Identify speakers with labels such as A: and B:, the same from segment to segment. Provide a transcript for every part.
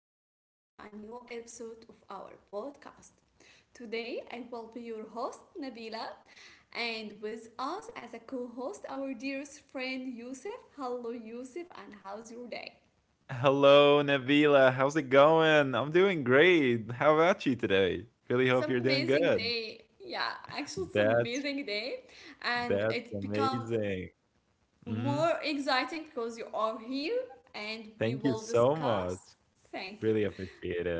A: welcome back to a new episode of our podcast. Today, I will be your host, Nabila, and with us as a co host, our dearest friend, Yusuf. Hello, Yusuf, and how's your day?
B: Hello, Nabila. How's it going? I'm doing great. How about you today? Really
A: It's
B: hope you're doing
A: amazing
B: good.
A: day. Yeah, actually, it's
B: That's
A: amazing day, and
B: that's
A: it's become
B: amazing. Hmm.
A: more exciting because you are here and we
B: Thank you
A: will
B: so much.
A: discuss. Thank
B: Really
A: you.
B: appreciate it.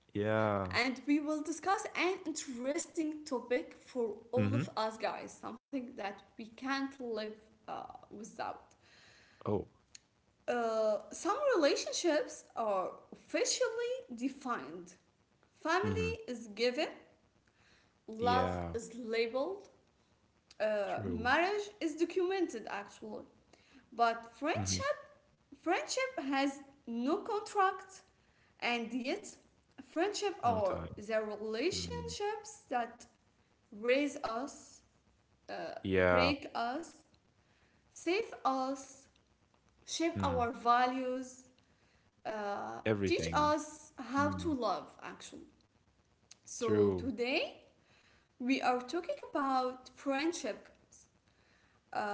B: Yeah.
A: And we will discuss an interesting topic for all
B: Hmm.
A: of us guys, something that we can't live uh, without.
B: Oh.
A: Some relationships are officially defined,
B: Hmm.
A: family is given, love
B: Yeah.
A: is labeled,
B: True.
A: marriage is documented actually, but
B: Hmm.
A: friendship has no contract, and yet friendship
B: No time.
A: are the
B: Mhm.
A: relationships that raise us, uh,
B: Yeah.
A: break us, save us, shape
B: Hmm.
A: our values, uh, teach
B: Everything.
A: us how
B: Mm.
A: to love, actually. So
B: True.
A: today we are talking about friendship,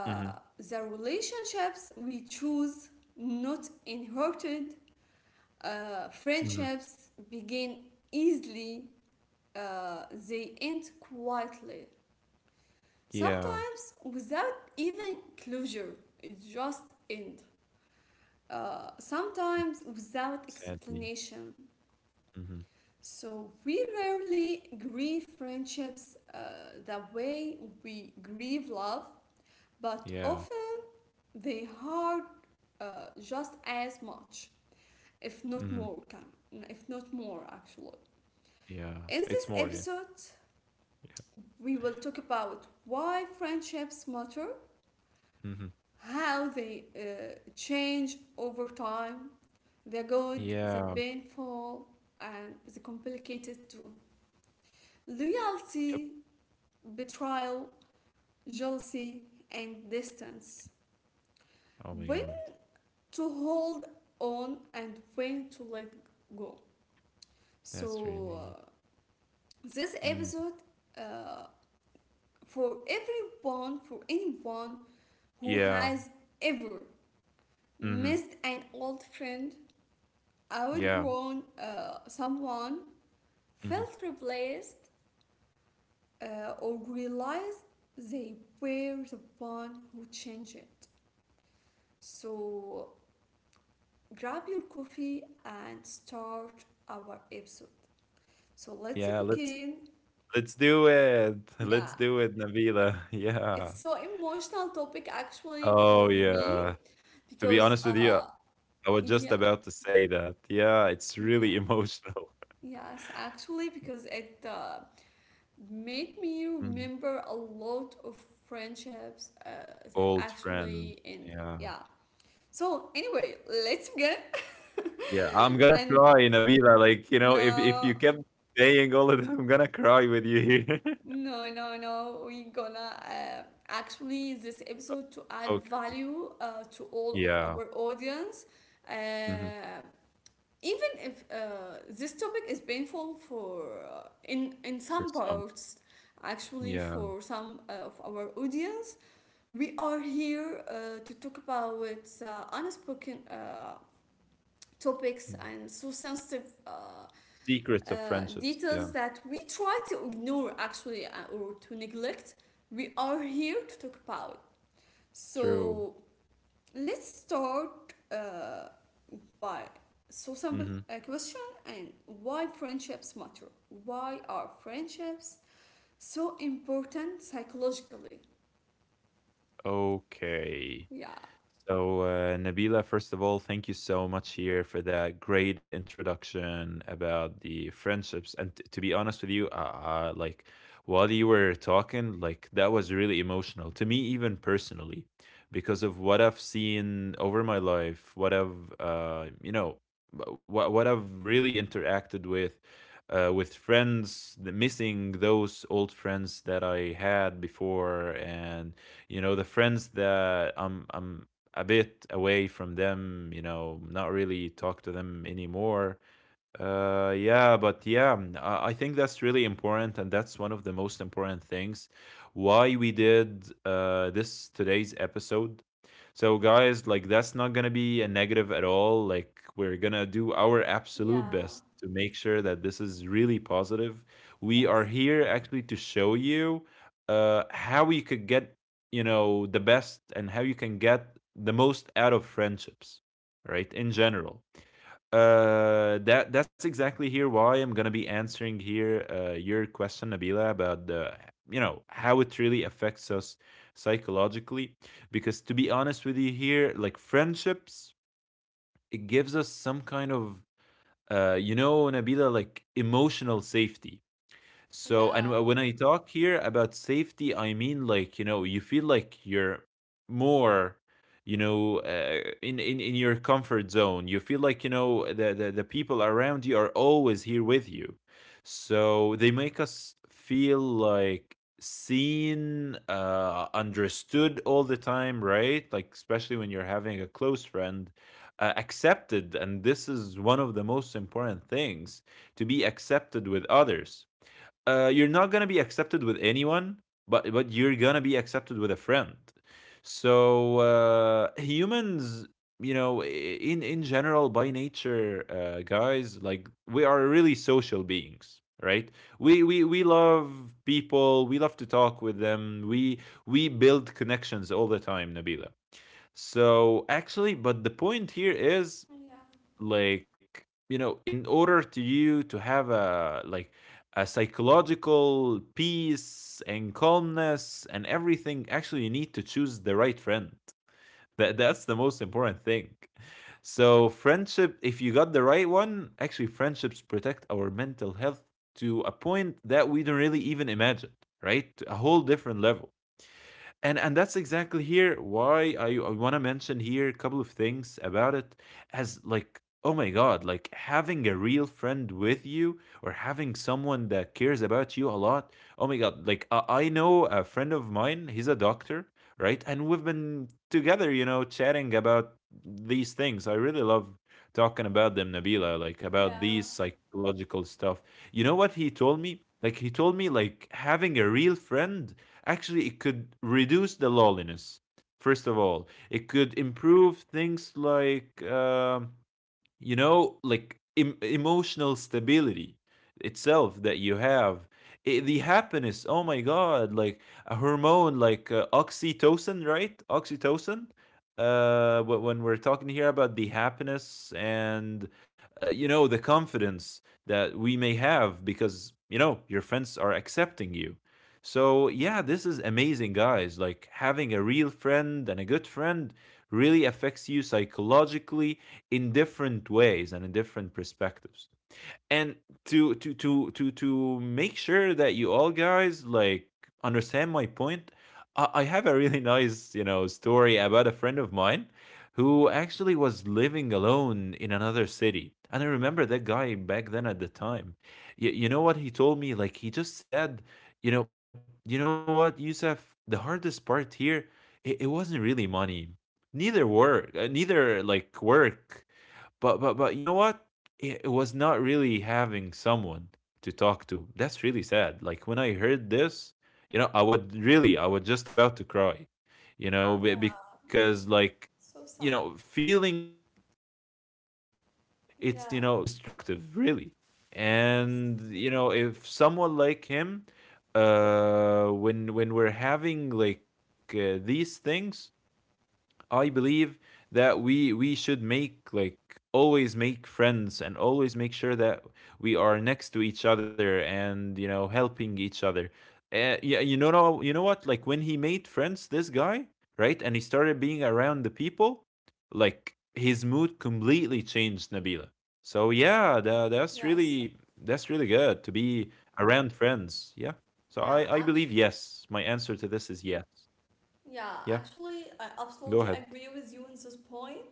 B: Hmm.
A: the relationships we choose, not inherited.
B: Hmm.
A: Friendships begin easily, they end quietly.
B: Yeah.
A: Sometimes without even closure, it just end. Sometimes without
B: Sadly.
A: explanation.
B: Hmm.
A: So we rarely grieve friendships the way we grieve love, but
B: Yeah.
A: often they hurt just as much, if not
B: Hmm.
A: more, if not more actually.
B: Yeah.
A: In
B: It's
A: this
B: more. Yeah.
A: episode,
B: Yeah.
A: we will talk about why friendships matter,
B: hmm
A: how they change over time, the good,
B: Yeah,
A: the painful, and the complicated too.
B: yep.
A: Loyalty, betrayal, jealousy, and distance.
B: Oh my
A: When
B: god.
A: to hold on and when to let go.
B: That's
A: So,
B: really
A: this
B: mm,
A: episode uh, for everyone, for anyone who
B: yeah.
A: has ever
B: Mhm.
A: missed an old friend,
B: Yeah.
A: outgrown someone,
B: Mhm.
A: felt replaced, or realized they were the one who changed it. So grab your coffee and start our episode. So let's
B: Yeah, let's
A: begin.
B: let's do it. Let's
A: Yeah,
B: do it, Nabila. Yeah.
A: it's so emotional topic actually
B: Oh
A: for me
B: yeah. To be
A: because
B: honest with you, I was just
A: yeah,
B: about to say that. Yeah, it's really
A: yeah,
B: emotional.
A: yes actually, because it made me
B: Mhm.
A: remember a lot of friendships that
B: Old
A: actually
B: friend.
A: ended.
B: Yeah.
A: Yeah. So anyway, let's begin.
B: Yeah, I'm gonna
A: And
B: cry, Nabila. Like, you know, if
A: no,
B: you kept saying all of that, I'm gonna cry with you here.
A: no. We're gonna actually this episode to add
B: Okay.
A: value to all of
B: Yeah.
A: our audience.
B: Mhm.
A: Uh, Even if this topic is painful for in
B: For
A: some
B: some.
A: parts, actually
B: Yeah.
A: for some of our audience. We are here to talk about unspoken topics
B: Mm.
A: and so sensitive,
B: Secrets
A: uh,
B: of friendships.
A: details
B: Yeah,
A: that we try to ignore actually, or to neglect. We are here to talk about.
B: true.
A: So let's start by so simple
B: Mhm.
A: a question, and why friendships matter. Why are friendships so important psychologically?
B: Okay.
A: Yeah.
B: So, Nabila, first of all, thank you so much here for that great introduction about the friendships. And to be honest with you, like while you were talking, like that was really emotional to me, even personally, because of what I've seen over my life, what I've, what I've really interacted with friends, the missing those old friends that I had before, and you know the friends that I'm a bit away from them, you know, not really talk to them anymore. Yeah, but yeah, I think that's really important, and that's one of the most important things why we did this today's episode. So, guys, like that's not gonna be a negative at all. Like, we're gonna do our absolute
A: Yeah,
B: best to make sure that this is really positive. We are
A: yes.
B: here actually to show you how you could get the best and how you can get the most out of friendships, right? In general, that's exactly here why I'm gonna be answering here your question, Nabila, about the you know how it really affects us psychologically. Because to be honest with you, here like friendships, it gives us some kind of Nabila, like emotional safety. So, and
A: Yeah,
B: when I talk here about safety, I mean like, you feel like you're more, in your comfort zone. You feel like, the people around you are always here with you. So they make us feel like seen, understood all the time, right? Like, especially when you're having a close friend, accepted. And this is one of the most important things to be accepted with others. You're not gonna be accepted with anyone, but you're gonna be accepted with a friend. So, humans, in general, by nature, guys, like we are really social beings, right? We love people. We love to talk with them. We build connections all the time, Nabila. So actually, but the point here is
A: yeah,
B: like in order to you to have a like a psychological peace and calmness and everything, actually you need to choose the right friend. That's the most important thing. So friendship, if you got the right one, actually friendships protect our mental health to a point that we don't really even imagine, right? To a whole different level. And that's exactly here why I want to mention here a couple of things about it, as like oh my god, like having a real friend with you or having someone that cares about you a lot. Oh my god, like I know a friend of mine, he's a doctor, right? And we've been together, chatting about these things. I really love talking about them, Nabila, like about
A: yeah,
B: these psychological stuff. You know what he told me like having a real friend, actually, it could reduce the loneliness. First of all, it could improve things like like emotional stability itself that you have. The happiness, oh my god, like a hormone like oxytocin, right? Oxytocin, when we're talking here about the happiness and the confidence that we may have, because your friends are accepting you. So yeah, this is amazing, guys, like having a real friend and a good friend really affects you psychologically in different ways and in different perspectives. And to make sure that you all guys, like, understand my point, I have a really nice story about a friend of mine, who actually was living alone in another city. And I remember that guy back then at the time, you know what he told me, like he just said, you know what, Yusuf, the hardest part here, it wasn't really money, neither work uh, neither like work, but you know what, it was not really having someone to talk to. That's really sad. Like when I heard this, I was just about to cry, you know, be-
A: yeah.
B: because like,
A: So sad.
B: feeling that loneliness is, it's, you
A: Yeah,
B: know, destructive, really.
A: yes,
B: If someone like him, when we're having like these things, I believe that we should make like always make friends and always make sure that we are next to each other and helping each other. Yeah, you know no- you know what? Like when he made friends, this guy, right, and he started being around the people, like his mood completely changed, Nabila. So yeah, that's
A: yes,
B: really that's really good to be around friends. Yeah. So
A: yeah.
B: I believe
A: Actually,
B: yes. My answer to this is yes.
A: yeah.
B: Yeah.
A: Actually, I
B: Go
A: absolutely
B: ahead.
A: agree with you on this point.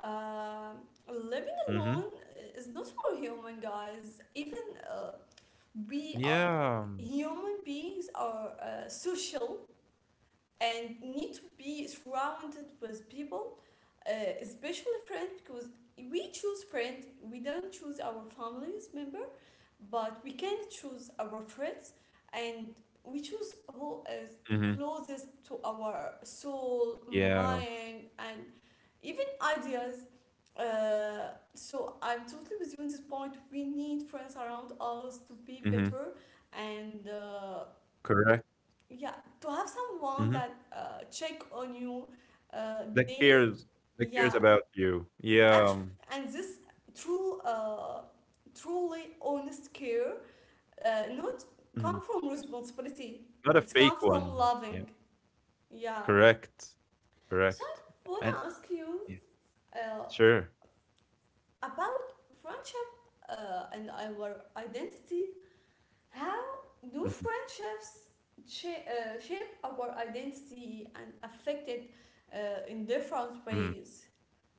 A: Um, living
B: Mm-hmm.
A: alone is not for human guys. Even uh, we are
B: Yeah.
A: human beings are social and need to be surrounded with people, uh, especially friends, because we choose friends, we don't choose our families member, but we can choose our friends, and we choose who is
B: Mhm.
A: closest to our soul,
B: Yeah.
A: mind, and even ideas. So I'm totally with you on this point, we need friends around us to be
B: Mhm.
A: better, and
B: Correct.
A: yeah, to have someone
B: Mhm.
A: that check on you
B: That
A: daily.
B: cares that cares
A: Yeah,
B: about you. Yeah.
A: actually, and this true, truly honest care, not
B: Mhm.
A: come from responsibility,
B: Not a
A: it's come
B: fake
A: from
B: one. Yeah.
A: loving. Yeah.
B: Correct.
A: So
B: Correct.
A: I wanna
B: And
A: ask you
B: yeah.
A: uh,
B: Sure.
A: about friendship and our identity. How do
B: Mhm.
A: friendships shape our identity and affect it in different
B: Mhm.
A: ways?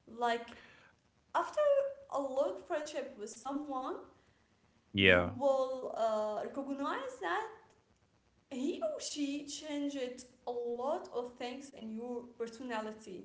A: Like, after a long friendship with someone, you
B: Yeah.
A: will recognize that he or she changed a lot of things in your personality.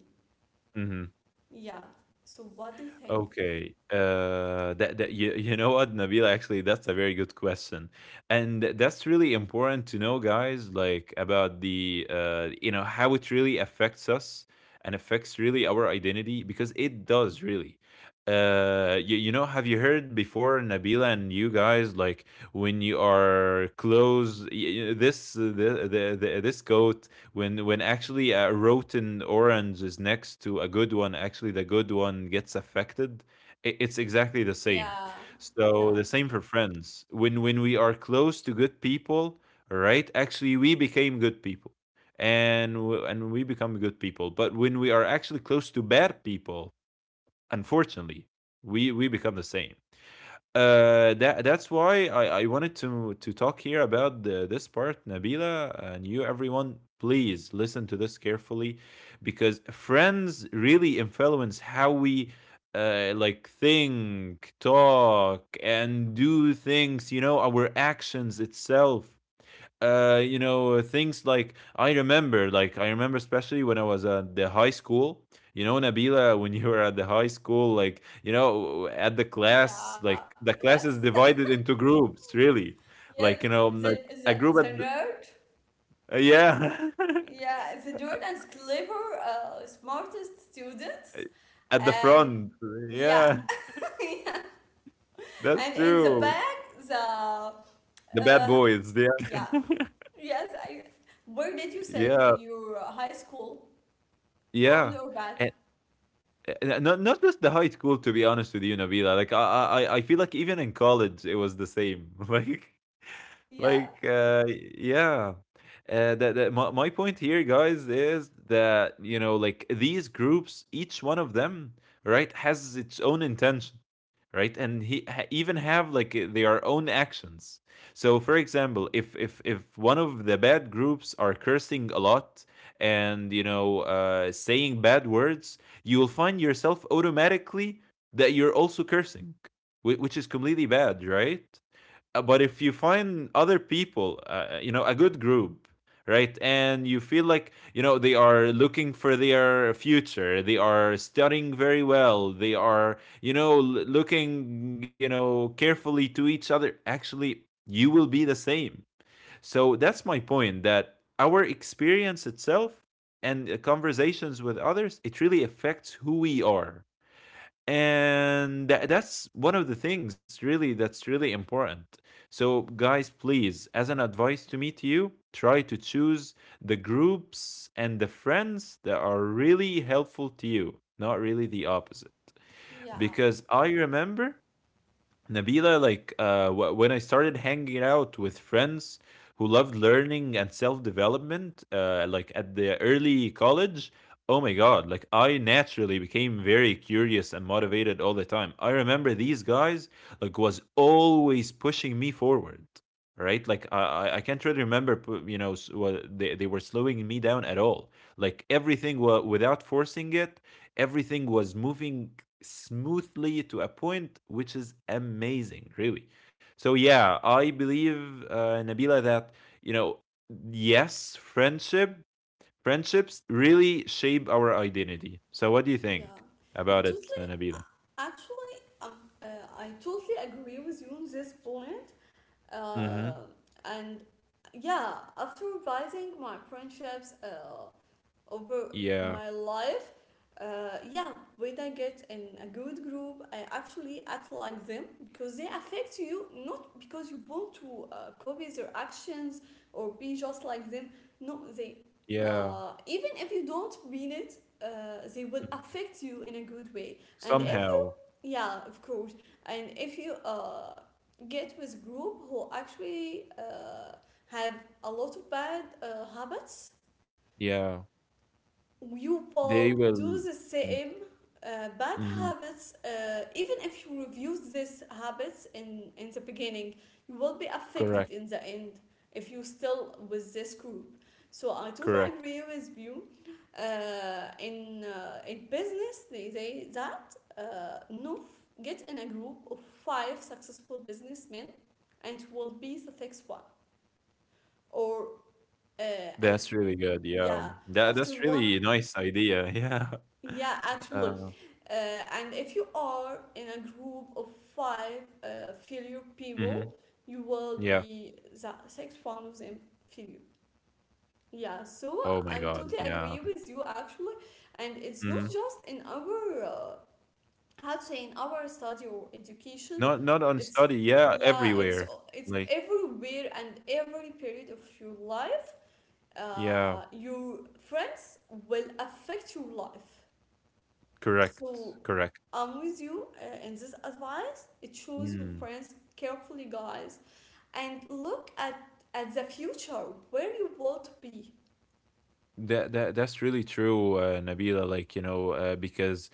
B: Mhm.
A: Yeah. So, what do you think?
B: Okay. That that You know what, Nabil, actually, that's a very good question, and that's really important to know, guys. Like about the how it really affects us and affects really our identity, because it does really. Have you heard before, Nabila and you guys, like when you are close, y- y- this the this coat? When actually a rotten orange is next to a good one, actually the good one gets affected. It's exactly the same.
A: Yeah,
B: So the
A: yeah,
B: same for friends, when we are close to good people, right, actually we became good people. And we become good people, but when we are actually close to bad people, unfortunately we become the same. That's why I wanted to talk here about this part, Nabila, and you everyone. Please listen to this carefully, because friends really influence how we like think, talk, and do things. You know, our actions itself, things like I remember especially when I was at the high school. You know, Nabila, when you were at the high school, like at the class,
A: yeah,
B: like the class
A: yes.
B: is divided into groups really, like you
A: Yep,
B: know like
A: the,
B: a
A: the,
B: group
A: the nerd.
B: yeah,
A: Yeah, the Jordan's clever, smartest students,
B: at the
A: and
B: front,
A: yeah,
B: yeah, that's
A: and in the
B: true,
A: back, the uh,
B: the bad boys, yeah,
A: yeah, yes, I. Where did you sit
B: yeah,
A: in your high school, front
B: yeah.
A: or back?
B: Not just the high school, to be honest with you, Nabila, like I feel like even in college it was the same. like
A: Yeah,
B: like uh yeah, my point here, guys, is that like these groups, each one of them, right, has its own intention, right? And even have like their own actions. So for example, if one of the bad groups are cursing a lot and saying bad words, you will find yourself automatically that you're also cursing, which is completely bad, right? But if you find other people, a good group, right, and you feel like, they are looking for their future, they are studying very well, they are, looking, carefully to each other, actually, you will be the same. So that's my point, that our experience itself and conversations with others, it really affects who we are. And that's one of the things really that's really important. So guys, please, as an advice to me to you, try to choose the groups and the friends that are really helpful to you, not really the opposite.
A: yeah,
B: Because I remember, Nabila, like when I started hanging out with friends who loved learning and self development, like at the early college, oh my God, like I naturally became very curious and motivated all the time. I remember these guys, like, was always pushing me forward. Right, like I can't really remember, what they were slowing me down at all. Like everything, without forcing it, everything was moving smoothly to a point which is amazing, really. So yeah, I believe Nabila that you know, yes, friendships really shape our identity. So what do you
A: yeah.
B: think
A: I'm
B: about it,
A: totally,
B: Nabila?
A: uh, actually, uh, I totally agree with you on this point.
B: Mm-hmm.
A: Uh, and yeah, after revising my friendships, over
B: Yeah,
A: my life, yeah, when I get in a good group I actually act like them because they affect you, not because you want to copy their actions or be just like them. No, they
B: yeah.
A: even if you don't mean it, they will
B: Mhm.
A: affect you in a good way. And if you,
B: Somehow,
A: Yeah, of course. And if you get with group who actually have a lot of bad habits,
B: yeah,
A: you
B: they
A: will do
B: will.
A: the same bad
B: Mm-hmm.
A: habits, even if you refuse these habits in the beginning, you will be
B: Correct,
A: affected in the end if you still with this group. So I totally
B: correct.
A: agree with you. In in business they say that, no get in a group of five successful businessmen and will be the next one. Or uh, and
B: That's really good. Yeah,
A: yeah,
B: that
A: after
B: that's
A: one.
B: really nice idea. Yeah.
A: Yeah, actually.
B: Uh,
A: Uh, and if you are in a group of five failure
B: Mhm.
A: people, you will
B: Yeah.
A: be the sixth one of them, failure. Yeah, so
B: Oh my
A: I'm
B: God,
A: totally
B: yeah.
A: agree with you actually. And it's not
B: Mhm.
A: just in our, how to say, in our study or education.
B: Not on
A: It's,
B: study, yeah,
A: yeah,
B: everywhere.
A: it's
B: Like
A: everywhere and every period of your life.
B: yeah,
A: Your friends will affect your life.
B: correct,
A: So
B: correct.
A: I'm with you in this advice. It shows your
B: Mm.
A: friends carefully, guys, and look at the future where you want to be.
B: That's really true, Nabila. Like because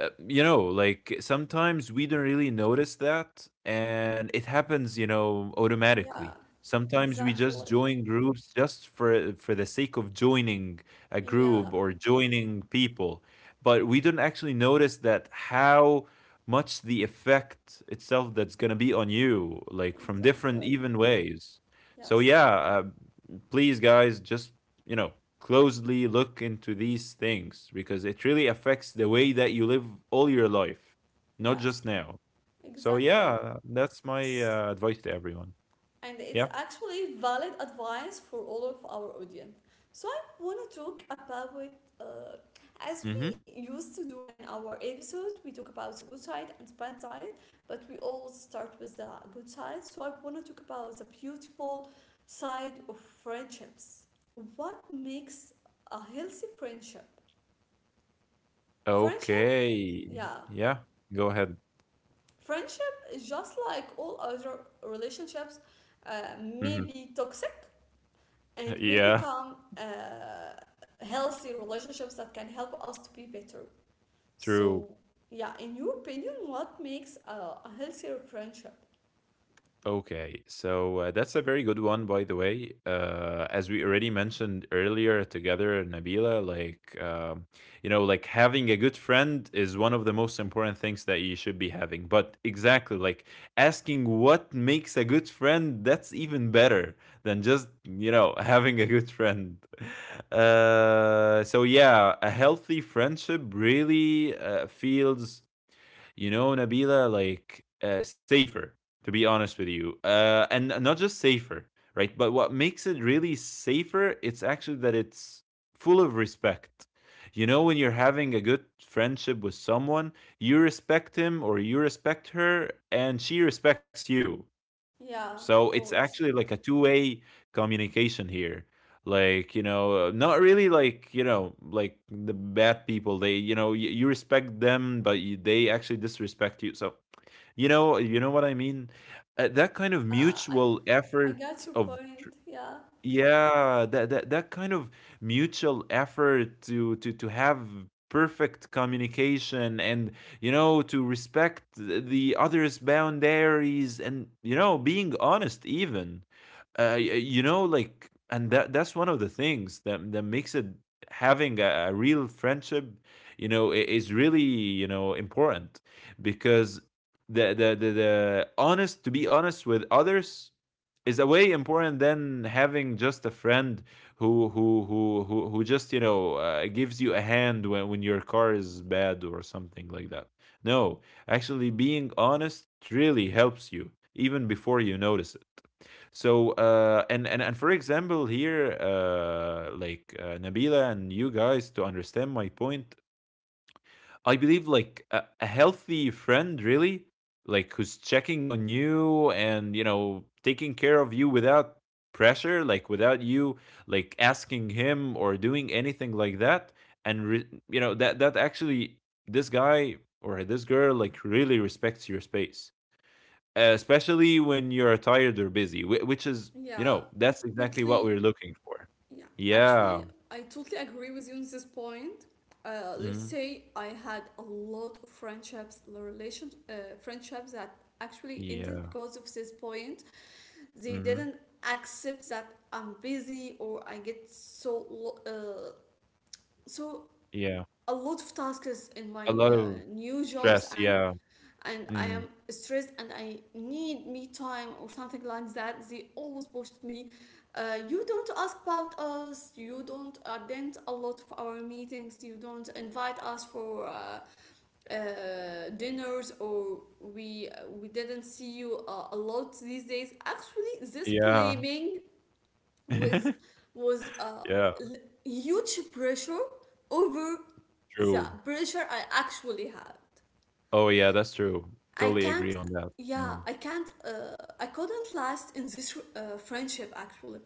B: like sometimes we don't really notice that, and it happens,
A: Yeah,
B: automatically. Sometimes we just
A: exactly.
B: join groups just for the sake of joining a group
A: Yeah,
B: or joining people, but we don't actually notice that how much the effect itself that's gonna be on you, like from different
A: exactly.
B: even ways. So
A: Yes,
B: yeah, please guys just you know, closely look into these things because it really affects the way that you live all your life, not
A: yes,
B: just now. So
A: exactly.
B: yeah, that's my advice to everyone.
A: And
B: Yeah.
A: it's actually valid advice for all of our audience. So I want to talk about it. uh, as
B: Mm-hmm.
A: we used to do in our episode, we talk about the good side and the bad side, but we always start with the good side. So I want to talk about the beautiful side of friendships. What makes a healthy friendship? Friendship,
B: Okay.
A: yeah,
B: Yeah. Go ahead.
A: friendship is just like all other relationships, may
B: Mm-hmm.
A: be toxic and may
B: Yeah.
A: become healthy relationships that can help us to be better.
B: True.
A: So, yeah, in your opinion, what makes a healthier friendship?
B: Okay, so that's a very good one, by the way. As we already mentioned earlier together, Nabila, like, having a good friend is one of the most important things that you should be having. But exactly, like asking what makes a good friend, that's even better than just, having a good friend. So yeah, a healthy friendship really feels Nabila, like safer, to be honest with you. And not just safer, right? But what makes it really safer, it's actually that it's full of respect. You know, when you're having a good friendship with someone, you respect him or you respect her, and she respects you.
A: Yeah,
B: So
A: of
B: it's actually
A: course.
B: like a two-way communication here. Like, not really like, like the bad people, they, you know, you respect them, but they actually disrespect you. So, you know what I mean? That kind of
A: Uh, I
B: mutual
A: I
B: effort
A: got your
B: of,
A: point. Yeah.
B: yeah, that kind of mutual effort to have perfect communication and to respect the other's boundaries and being honest even. You know, like, and that's one of the things that makes it having a real friendship, is really, important because the honest to be honest with others is a way important than having just a friend who just gives you a hand when your car is bad or something like that. No, actually being honest really helps you even before you notice it. So, and for example here, like Nabila and you guys to understand my point, I believe like a healthy friend really, like who's checking on you and taking care of you without pressure, like without you like asking him or doing anything like that. And that actually this guy or this girl like really respects your space, especially when you're tired or busy, which is
A: Yeah,
B: that's exactly what
A: totally.
B: we're looking for.
A: Yeah, actually,
B: Yeah.
A: I totally agree with you on this point. Let's
B: Hmm.
A: say I had a lot of friendships, friendships that actually ended
B: Yeah.
A: because of this point. They
B: Hmm.
A: didn't accept that I'm busy or I get so
B: Yeah,
A: a lot of tasks in my
B: a lot of
A: new jobs,
B: stress, yeah.
A: and I am
B: Mm,
A: stressed and I need me time or something like that. They always pushed me. You don't ask about us. You don't attend a lot of our meetings. You don't invite us for dinners, or we didn't see you a lot these days. Actually, this
B: yeah.
A: blaming was was a
B: Yeah,
A: huge pressure over the
B: true.
A: pressure I actually had.
B: Oh, yeah, that's true.
A: I
B: Totally
A: can't.
B: agree on that.
A: Yeah,
B: Um,
A: I can't. I couldn't last in this friendship. Actually,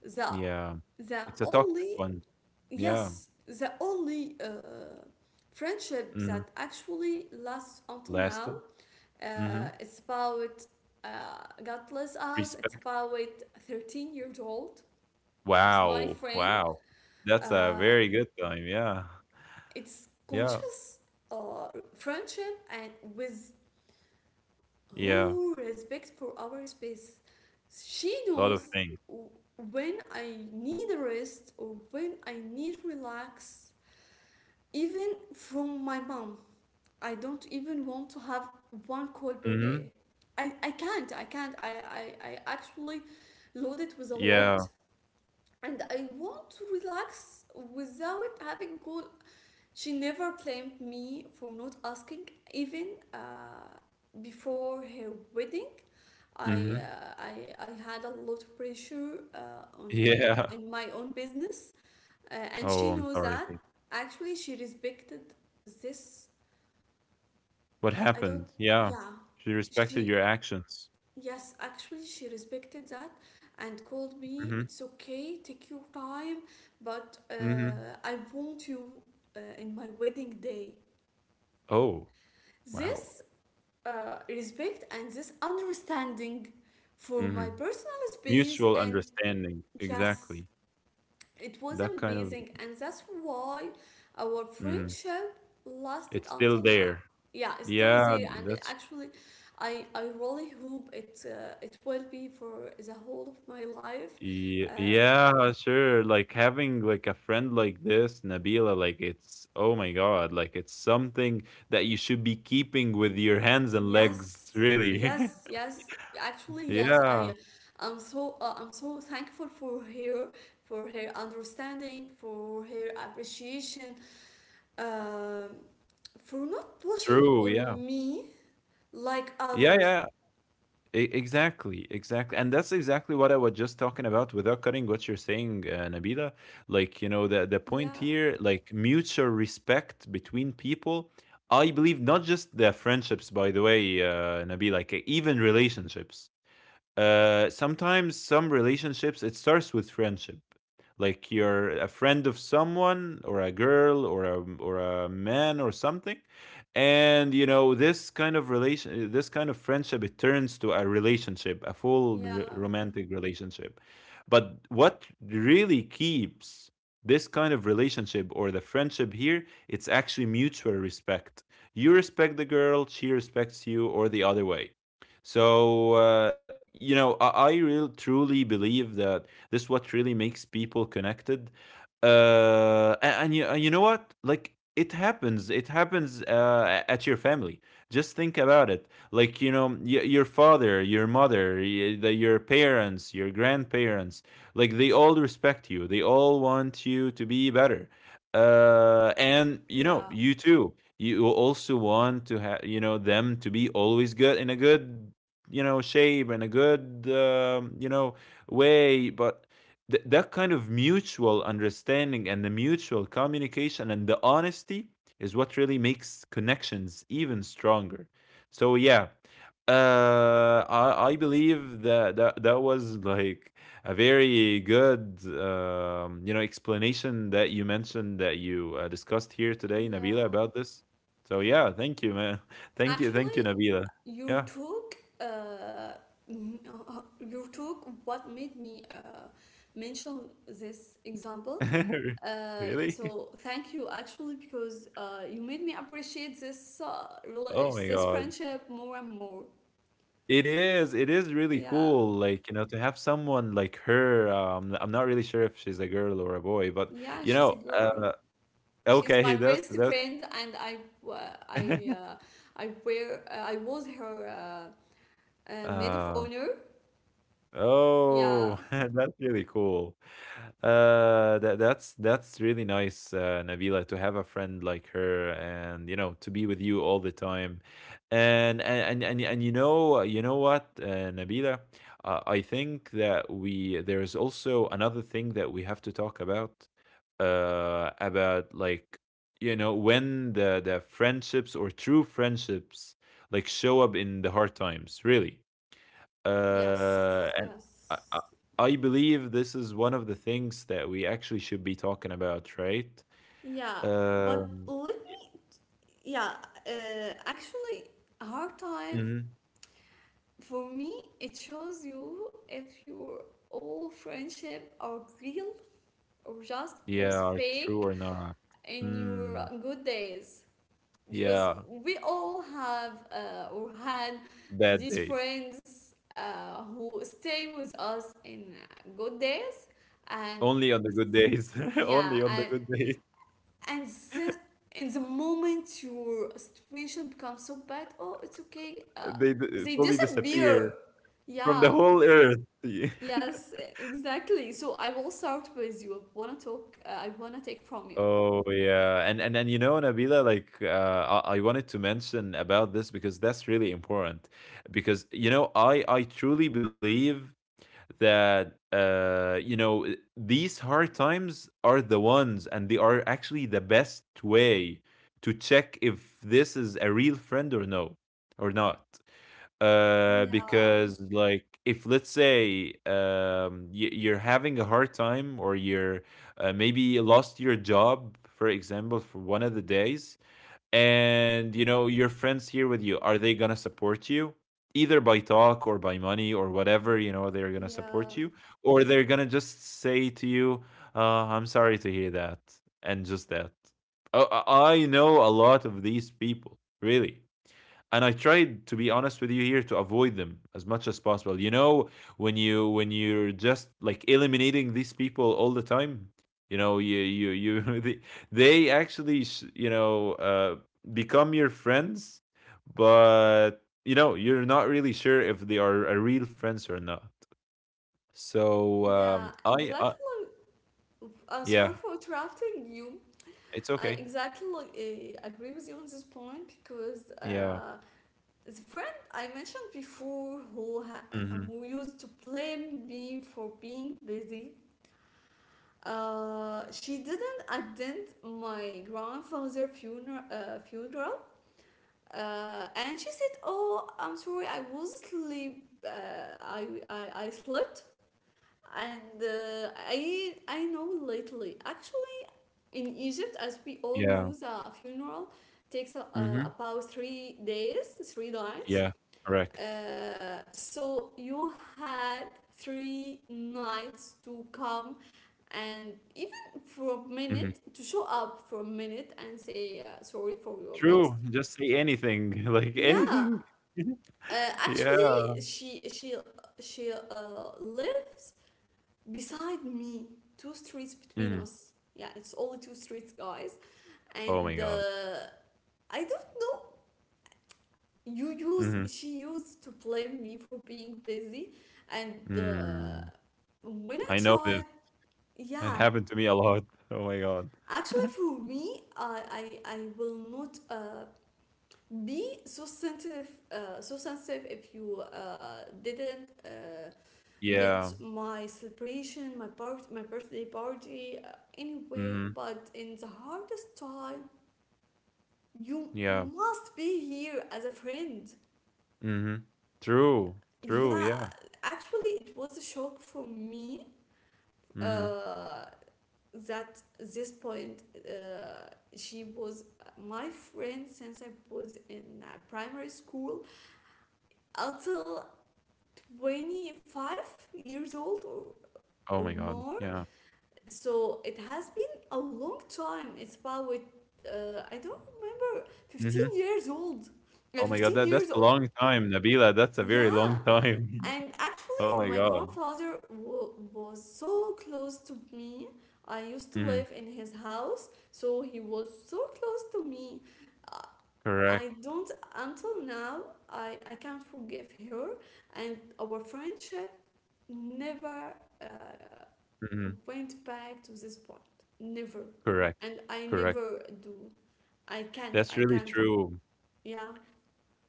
A: the
B: yeah.
A: the
B: It's a toxic
A: only,
B: one. Yeah.
A: yes, the only friendship
B: Mm,
A: that actually lasts until now.
B: lasted. Mhm.
A: It's about uh, God bless us. It's
B: Respect.
A: about 13 years old with my
B: Wow.
A: friend.
B: Wow.
A: Uh,
B: That's a very good time. Yeah.
A: it's
B: Yeah.
A: conscious uh, friendship, and with
B: Yeah.
A: whole respect for our space. She
B: A lot of
A: knows
B: things.
A: w- when I need a rest or when I need relax. Even from my mom, I don't even want to have one call per day.
B: Mhm.
A: I can't, I can't. I actually load it with a
B: Yeah.
A: lot and I want to relax without having call. She never blamed me for not asking, even uh, before her wedding.
B: Mhm.
A: I had a lot of pressure on
B: Yeah.
A: in my own business, and
B: Oh,
A: she
B: I'm
A: knows
B: sorry.
A: that. Actually, she respected this.
B: What
A: I don't.
B: happened? Yeah.
A: Yeah,
B: She respected your
A: she.
B: actions.
A: Yes, actually, she respected that, and called me.
B: Mhm.
A: It's okay. Take your time, but
B: Mhm.
A: I want you in my wedding day.
B: Oh, wow.
A: This respect and this understanding for my
B: Mhm.
A: personal space.
B: Mutual
A: And
B: understanding,
A: yes,
B: exactly.
A: it was
B: That kind of
A: amazing. And that's why our
B: mm,
A: friendship lasted
B: it's still
A: until now.
B: there.
A: Yeah, it's still
B: Yeah,
A: there. And
B: that's
A: actually, I really hope it, it will be for the whole of my life.
B: ye-
A: Uh,
B: yeah, sure. Like having like a friend like this, Nabila, like it's oh my God, like it's something that you should be keeping with your hands and
A: Yes,
B: legs, really.
A: yes, yes. Actually, yes.
B: Yeah,
A: I'm so thankful for her understanding, for her appreciation, um, for not pushing
B: true. Yeah.
A: on me like
B: Yeah,
A: others.
B: yeah. Exactly, exactly. And that's exactly what I was just talking about without cutting what you're saying, Nabila. Like, the point
A: Yeah,
B: here, like mutual respect between people. I believe not just the friendships, by the way, Nabila, like even relationships. Sometimes some relationships it starts with friendship. Like you're a friend of someone or a girl or a man or something, and this kind of relation, this kind of friendship, it turns to a relationship, a full r-
A: yeah,
B: romantic relationship. But what really keeps this kind of relationship or the friendship here, it's actually mutual respect. You respect the girl, she respects you, or the other way. So, I really truly believe that this is what really makes people connected. And you know what? Like, it happens. It happens at your family. Just think about it. Like, you know, your father, your mother, your parents, your grandparents, like, they all respect you. They all want you to be better. And
A: yeah,
B: you too you also want to have, them to be always good, in a good shape and a good way. But that kind of mutual understanding and the mutual communication and the honesty is what really makes connections even stronger. So yeah, I believe that, that was like a very good explanation that you mentioned, that you discussed here today, Nabila,
A: yeah.
B: about this. So yeah, thank you, man. Thank you. Thank you,
A: Actually,
B: Nabila.
A: you
B: Yeah.
A: took uh, you took what made me mention this example,
B: Really?
A: so thank you actually, because you made me appreciate this
B: Oh my
A: this
B: God.
A: friendship more and more.
B: It is. It is really
A: Yeah,
B: cool. Like, you know, to have someone like her. I'm not really sure if she's a girl or a boy, but
A: yeah,
B: you
A: she's a
B: know,
A: girl.
B: uh,
A: She's
B: okay,
A: my
B: that's
A: best friend, and uh, i uh, I was her maid of
B: um
A: honor. Yeah,
B: Oh, that's really cool. That that's really nice, Nabila, to have a friend like her, and to be with you all the time, and and you know, what, Nabila, I think that we there is also another thing that we have to talk about like when the friendships or true friendships like show up in the hard times, really.
A: yes,
B: And
A: yes.
B: I, I I believe this is one of the things that we actually should be talking about, right?
A: Yeah, but
B: Um,
A: let
B: y-
A: me. Yeah, actually, hard time
B: mhm.
A: for me it shows you if your old friendship are real or just
B: Yeah,
A: was
B: are true
A: fake
B: or not?
A: in
B: Hmm.
A: your good days. Because
B: Yeah,
A: we all have or had
B: bad
A: these
B: days.
A: friends who stay with us in good days, and
B: Only on the good days.
A: yeah,
B: Only on the
A: and
B: good days.
A: and then in the moment your situation becomes so bad, oh it's okay,
B: They
A: they
B: fully
A: disappear,
B: disappear from the
A: yeah.
B: whole earth.
A: Yes, exactly, so I will start with you. I want to talk, I want to take from you.
B: Oh yeah, and you know, Nabila, like I wanted to mention about this because that's really important. Because I truly believe that these hard times are the ones, and they are actually the best way to check if this is a real friend or no, or not.
A: Yeah,
B: Because like if let's say you're having a hard time or you're maybe lost your job, for example, for one of the days, and you know your friends here with you, are they going to support you either by talk or by money or whatever, they're going to
A: yeah,
B: support you, or they're going to just say to you, I'm sorry to hear that, and just that. Oh, I know a lot of these people really, and I tried to be honest with you here to avoid them as much as possible. When you're just like eliminating these people all the time, you they actually you know uh become your friends, but you're not really sure if they are a real friends or not. So,
A: yeah,
B: I
A: exactly. Sorry
B: yeah,
A: for interrupting you.
B: it's
A: I
B: okay.
A: exactly agree with you on this point because
B: Yeah.
A: the friend I mentioned before
B: Hmm.
A: who used to blame me for being busy. She didn't attend my grandfather funeral. Funeral. And she said, "Oh, I'm sorry, I was sleep. Uh, I, I slept, and I know lately. Actually, in Egypt, as we all
B: Yeah.
A: know, the funeral takes
B: Hmm.
A: about 3 days, three nights.
B: Yeah, correct.
A: So you had three nights to come, and even for a
B: Hmm.
A: minute, to show up for a minute and say sorry for your loss.
B: True, just say anything, like
A: Yeah.
B: anything.
A: uh,
B: Yeah.
A: actually she she lives beside me, two streets between
B: Mhm.
A: us. Yeah, it's only two streets, guys.
B: Oh my
A: And
B: God.
A: I don't know, you use
B: Mhm.
A: she used to blame me for being busy, and
B: Mm.
A: when I
B: I know
A: tried.
B: this. It
A: Yeah,
B: happened to me a lot. Oh my God.
A: actually for me, I will not be so sensitive, so sensitive if you didn't get
B: Yeah.
A: my celebration, my part, my birthday party, anyway.
B: Mhm.
A: But in the hardest time, you
B: Yeah.
A: must be here as a friend.
B: Mhm. True. True,
A: Yeah,
B: yeah.
A: actually, it was a shock for me,
B: Mhm.
A: uh, that this point, uh, she was my friend since I was in primary school until 25 years old
B: Oh my
A: or
B: God.
A: more.
B: Yeah.
A: So it has been a long time. It's about, I don't remember,
B: Mhm.
A: 15 years old.
B: Oh my God.
A: 15
B: That's
A: years
B: a
A: of,
B: long time, Nabila. That's a very
A: yeah.
B: long time.
A: And
B: Oh
A: actually,
B: my
A: my
B: God.
A: grandfather was so close to me. I used to
B: Mhm.
A: live in his house, so he was so close to me.
B: Correct.
A: I don't, until now, I can't forgive her. And our friendship never uh,
B: Mhm.
A: went back to this point. Never.
B: Correct.
A: And I
B: Correct.
A: never do. I can't,
B: That's
A: I
B: really
A: can't.
B: true.
A: Yeah,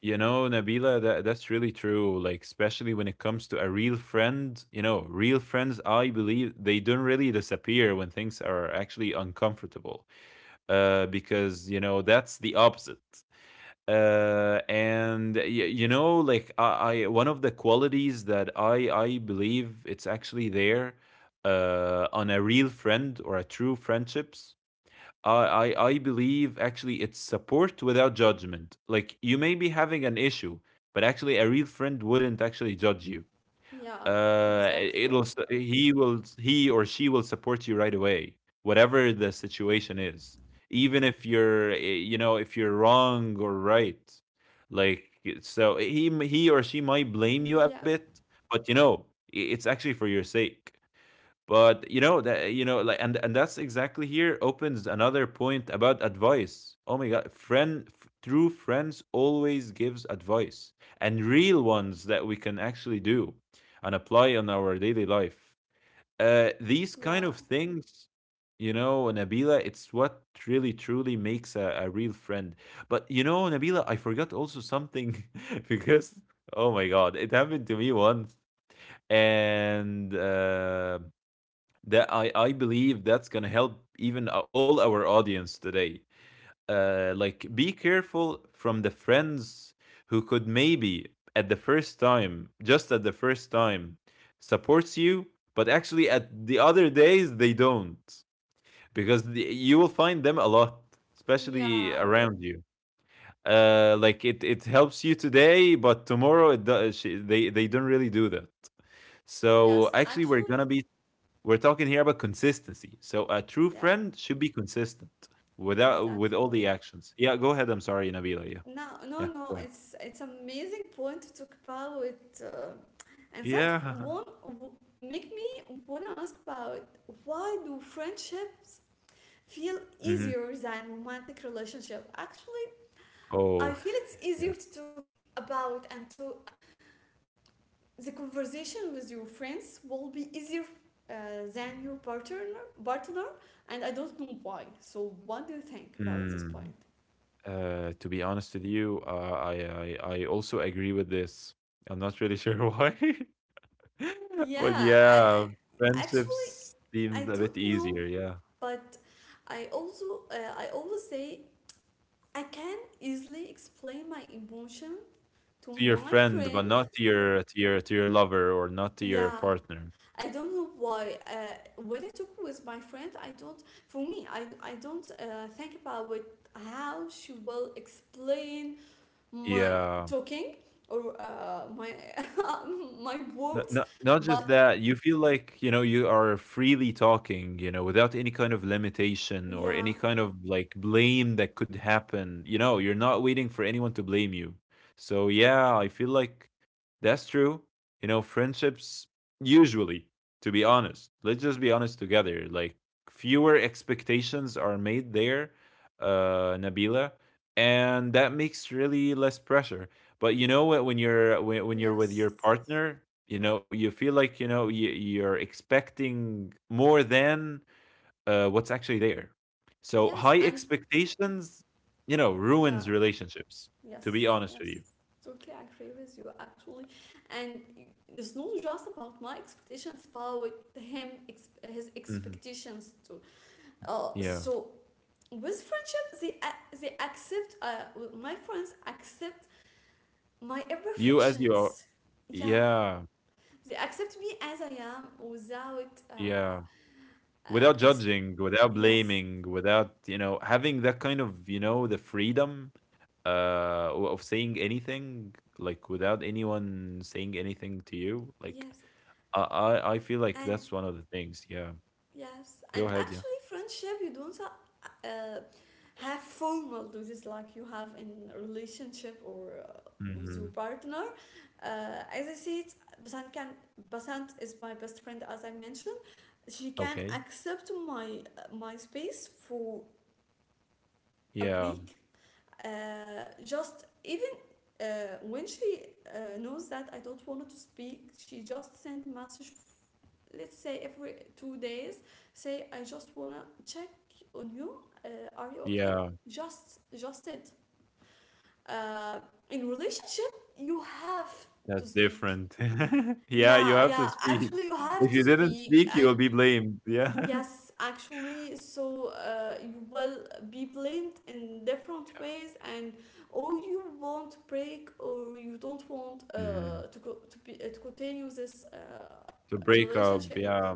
B: You know, Nabila, that's really true. Like, especially when it comes to a real friend, you know, real friends, I believe they don't really disappear when things are actually uncomfortable. Because that's the opposite. And y- you know, like I, One of the qualities that I believe it's actually there, on a real friend or a true friendships I believe actually it's support without judgment. Like you may be having an issue, but actually a real friend wouldn't actually judge you.
A: yeah,
B: I-
A: exactly.
B: it'll s- he will he or she will support you right away, whatever the situation is. Even if you're you know if you're wrong or right, like so he or she might blame you a
A: Yeah,
B: bit, but you know it's actually for your sake. But you know that you know like and that's exactly here opens another point about advice. Oh my god, true friends always gives advice and real ones that we can actually do and apply on our daily life. These kind of
A: yeah,
B: things you know, Nabila, it's what really truly makes a real friend. But you know, Nabila, I forgot also something because oh my god, it happened to me once. And that I believe that's gonna help even all our audience today. Like be careful from the friends who could maybe at the first time, just at the first time, supports you, but actually at the other days they don't because you will find them a lot, especially yeah,
A: yeah.
B: around you. Like it helps you today, but tomorrow it does, they don't really do that. So
A: Yes,
B: actually, we're
A: actually.
B: gonna be — we're talking here about consistency. So a true
A: Yeah,
B: friend should be consistent without with all
A: exactly.
B: the actions. Yeah, go ahead. I'm sorry, Nabila. Yeah,
A: No, no,
B: yeah, go
A: no.
B: ahead.
A: It's amazing point to talk about, uh, and
B: Yeah.
A: make me wanna ask about, why do friendships feel
B: Hmm.
A: easier than romantic relationship? Actually, I
B: Oh,
A: feel it's
B: yeah.
A: easier to talk about, and to, the conversation with your friends will be easier, uh, than your partner, partner, and I don't know why. So, what do you think about this
B: Mm.
A: point?
B: To be honest with you, I also agree with this. I'm not really sure why, but
A: Yeah, I,
B: yeah,
A: I actually,
B: friendships
A: I
B: seems a bit
A: don't know,
B: easier. Yeah,
A: but I also I always say I can easily explain my emotion to
B: to your
A: my
B: friend, but
A: friend.
B: not to your lover or not to your
A: Yeah,
B: partner.
A: I don't know why. When I talk with my friend, I don't. For me, I don't think about what, how she will explain my
B: Yeah.
A: talking or my my
B: Not
A: words.
B: not not
A: But
B: just that, you feel like, you know, you are freely talking, you know, without any kind of limitation or
A: yeah,
B: any kind of, like, blame that could happen, you know, you're not waiting for anyone to blame you. So, yeah, I feel like that's true. You know, friendships usually, to be honest, let's just be honest together, like, fewer expectations are made there, Nabila, and that makes really less pressure. But you know what? When you're with
A: yes.
B: your partner, you know you feel like you know you're expecting more than what's actually there. So
A: Yes,
B: high
A: and
B: expectations, you know,
A: yeah,
B: ruins relationships. To be
A: yes,
B: honest with
A: yes.
B: you.
A: Totally agree with you actually. And it's not just about my expectations, but with him, his
B: Hmm.
A: expectations too. Uh,
B: Yeah.
A: so with friendship, they accept. My friends accept my
B: You as you are.
A: imperfections. Yeah,
B: Yeah.
A: they accept me as I am without
B: Yeah.
A: uh
B: Without
A: ex-
B: judging, without
A: yes,
B: blaming, without you know having that kind of you know the freedom of saying anything like without anyone saying anything to you like
A: yes,
B: I feel like
A: and
B: that's one of the things yeah,
A: yes,
B: go
A: and
B: ahead yeah.
A: actually, friendship you don't have formal duties like you have in a relationship, or with your
B: Hmm.
A: partner. As I said, Basant can, Basant is my best friend, as I mentioned. She can
B: Okay,
A: accept my my space for a
B: yeah,
A: week. Just even uh, when she knows that I don't want to speak, she just send message, let's say every 2 days, say I just wanna check on you, uh, are you okay,
B: yeah,
A: just it. Uh, in relationship you have to
B: that's
A: speak.
B: different. Yeah, you
A: Yeah,
B: have to
A: yeah,
B: speak.
A: actually you
B: If
A: have
B: you
A: to
B: didn't
A: speak,
B: speak you'll
A: and
B: be blamed, yeah.
A: yes, actually, so you will be blamed in different
B: Yeah.
A: ways, and or you won't break, or you don't want
B: Mm.
A: to go to be to continue this
B: To break up,
A: relationship.
B: yeah.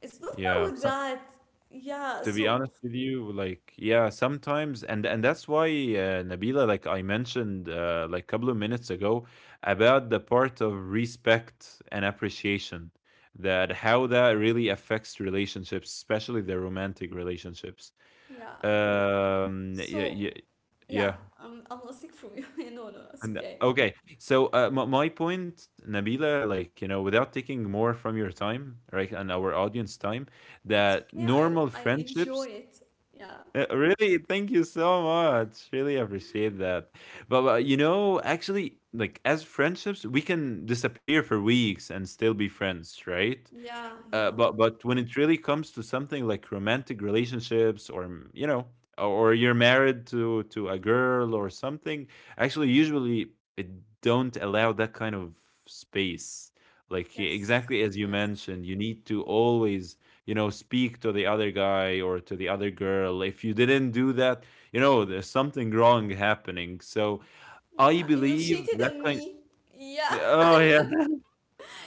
A: It's not
B: Yeah.
A: about that. Yeah,
B: To be
A: so
B: honest with you, like yeah, sometimes and that's why Nabila, like I mentioned like a couple of minutes ago, about the part of respect and appreciation that how that really affects relationships, especially the romantic relationships.
A: yeah.
B: Yeah,
A: So
B: yeah,
A: yeah,
B: yeah.
A: I'm not sick from you. No, no, it's
B: And
A: okay.
B: okay, so my point, Nabila, like you know, without taking more from your time, right, and our audience time,
A: It's
B: that
A: okay.
B: normal
A: I
B: friendships —
A: enjoy it. Yeah.
B: uh, really, thank you so much. Really appreciate that. But you know, actually, like as friendships, we can disappear for weeks and still be friends, right?
A: Yeah, yeah.
B: But when it really comes to something like romantic relationships or mm, you know or you're married to a girl or something, actually usually it don't allow that kind of space. Like
A: Yes.
B: exactly as you
A: Yes.
B: mentioned, you need to always you know speak to the other guy or to the other girl. If you didn't do that, you know there's something wrong happening. So I
A: Yeah, you
B: believe
A: cheated
B: that
A: on
B: kind.
A: me. Yeah.
B: Oh yeah,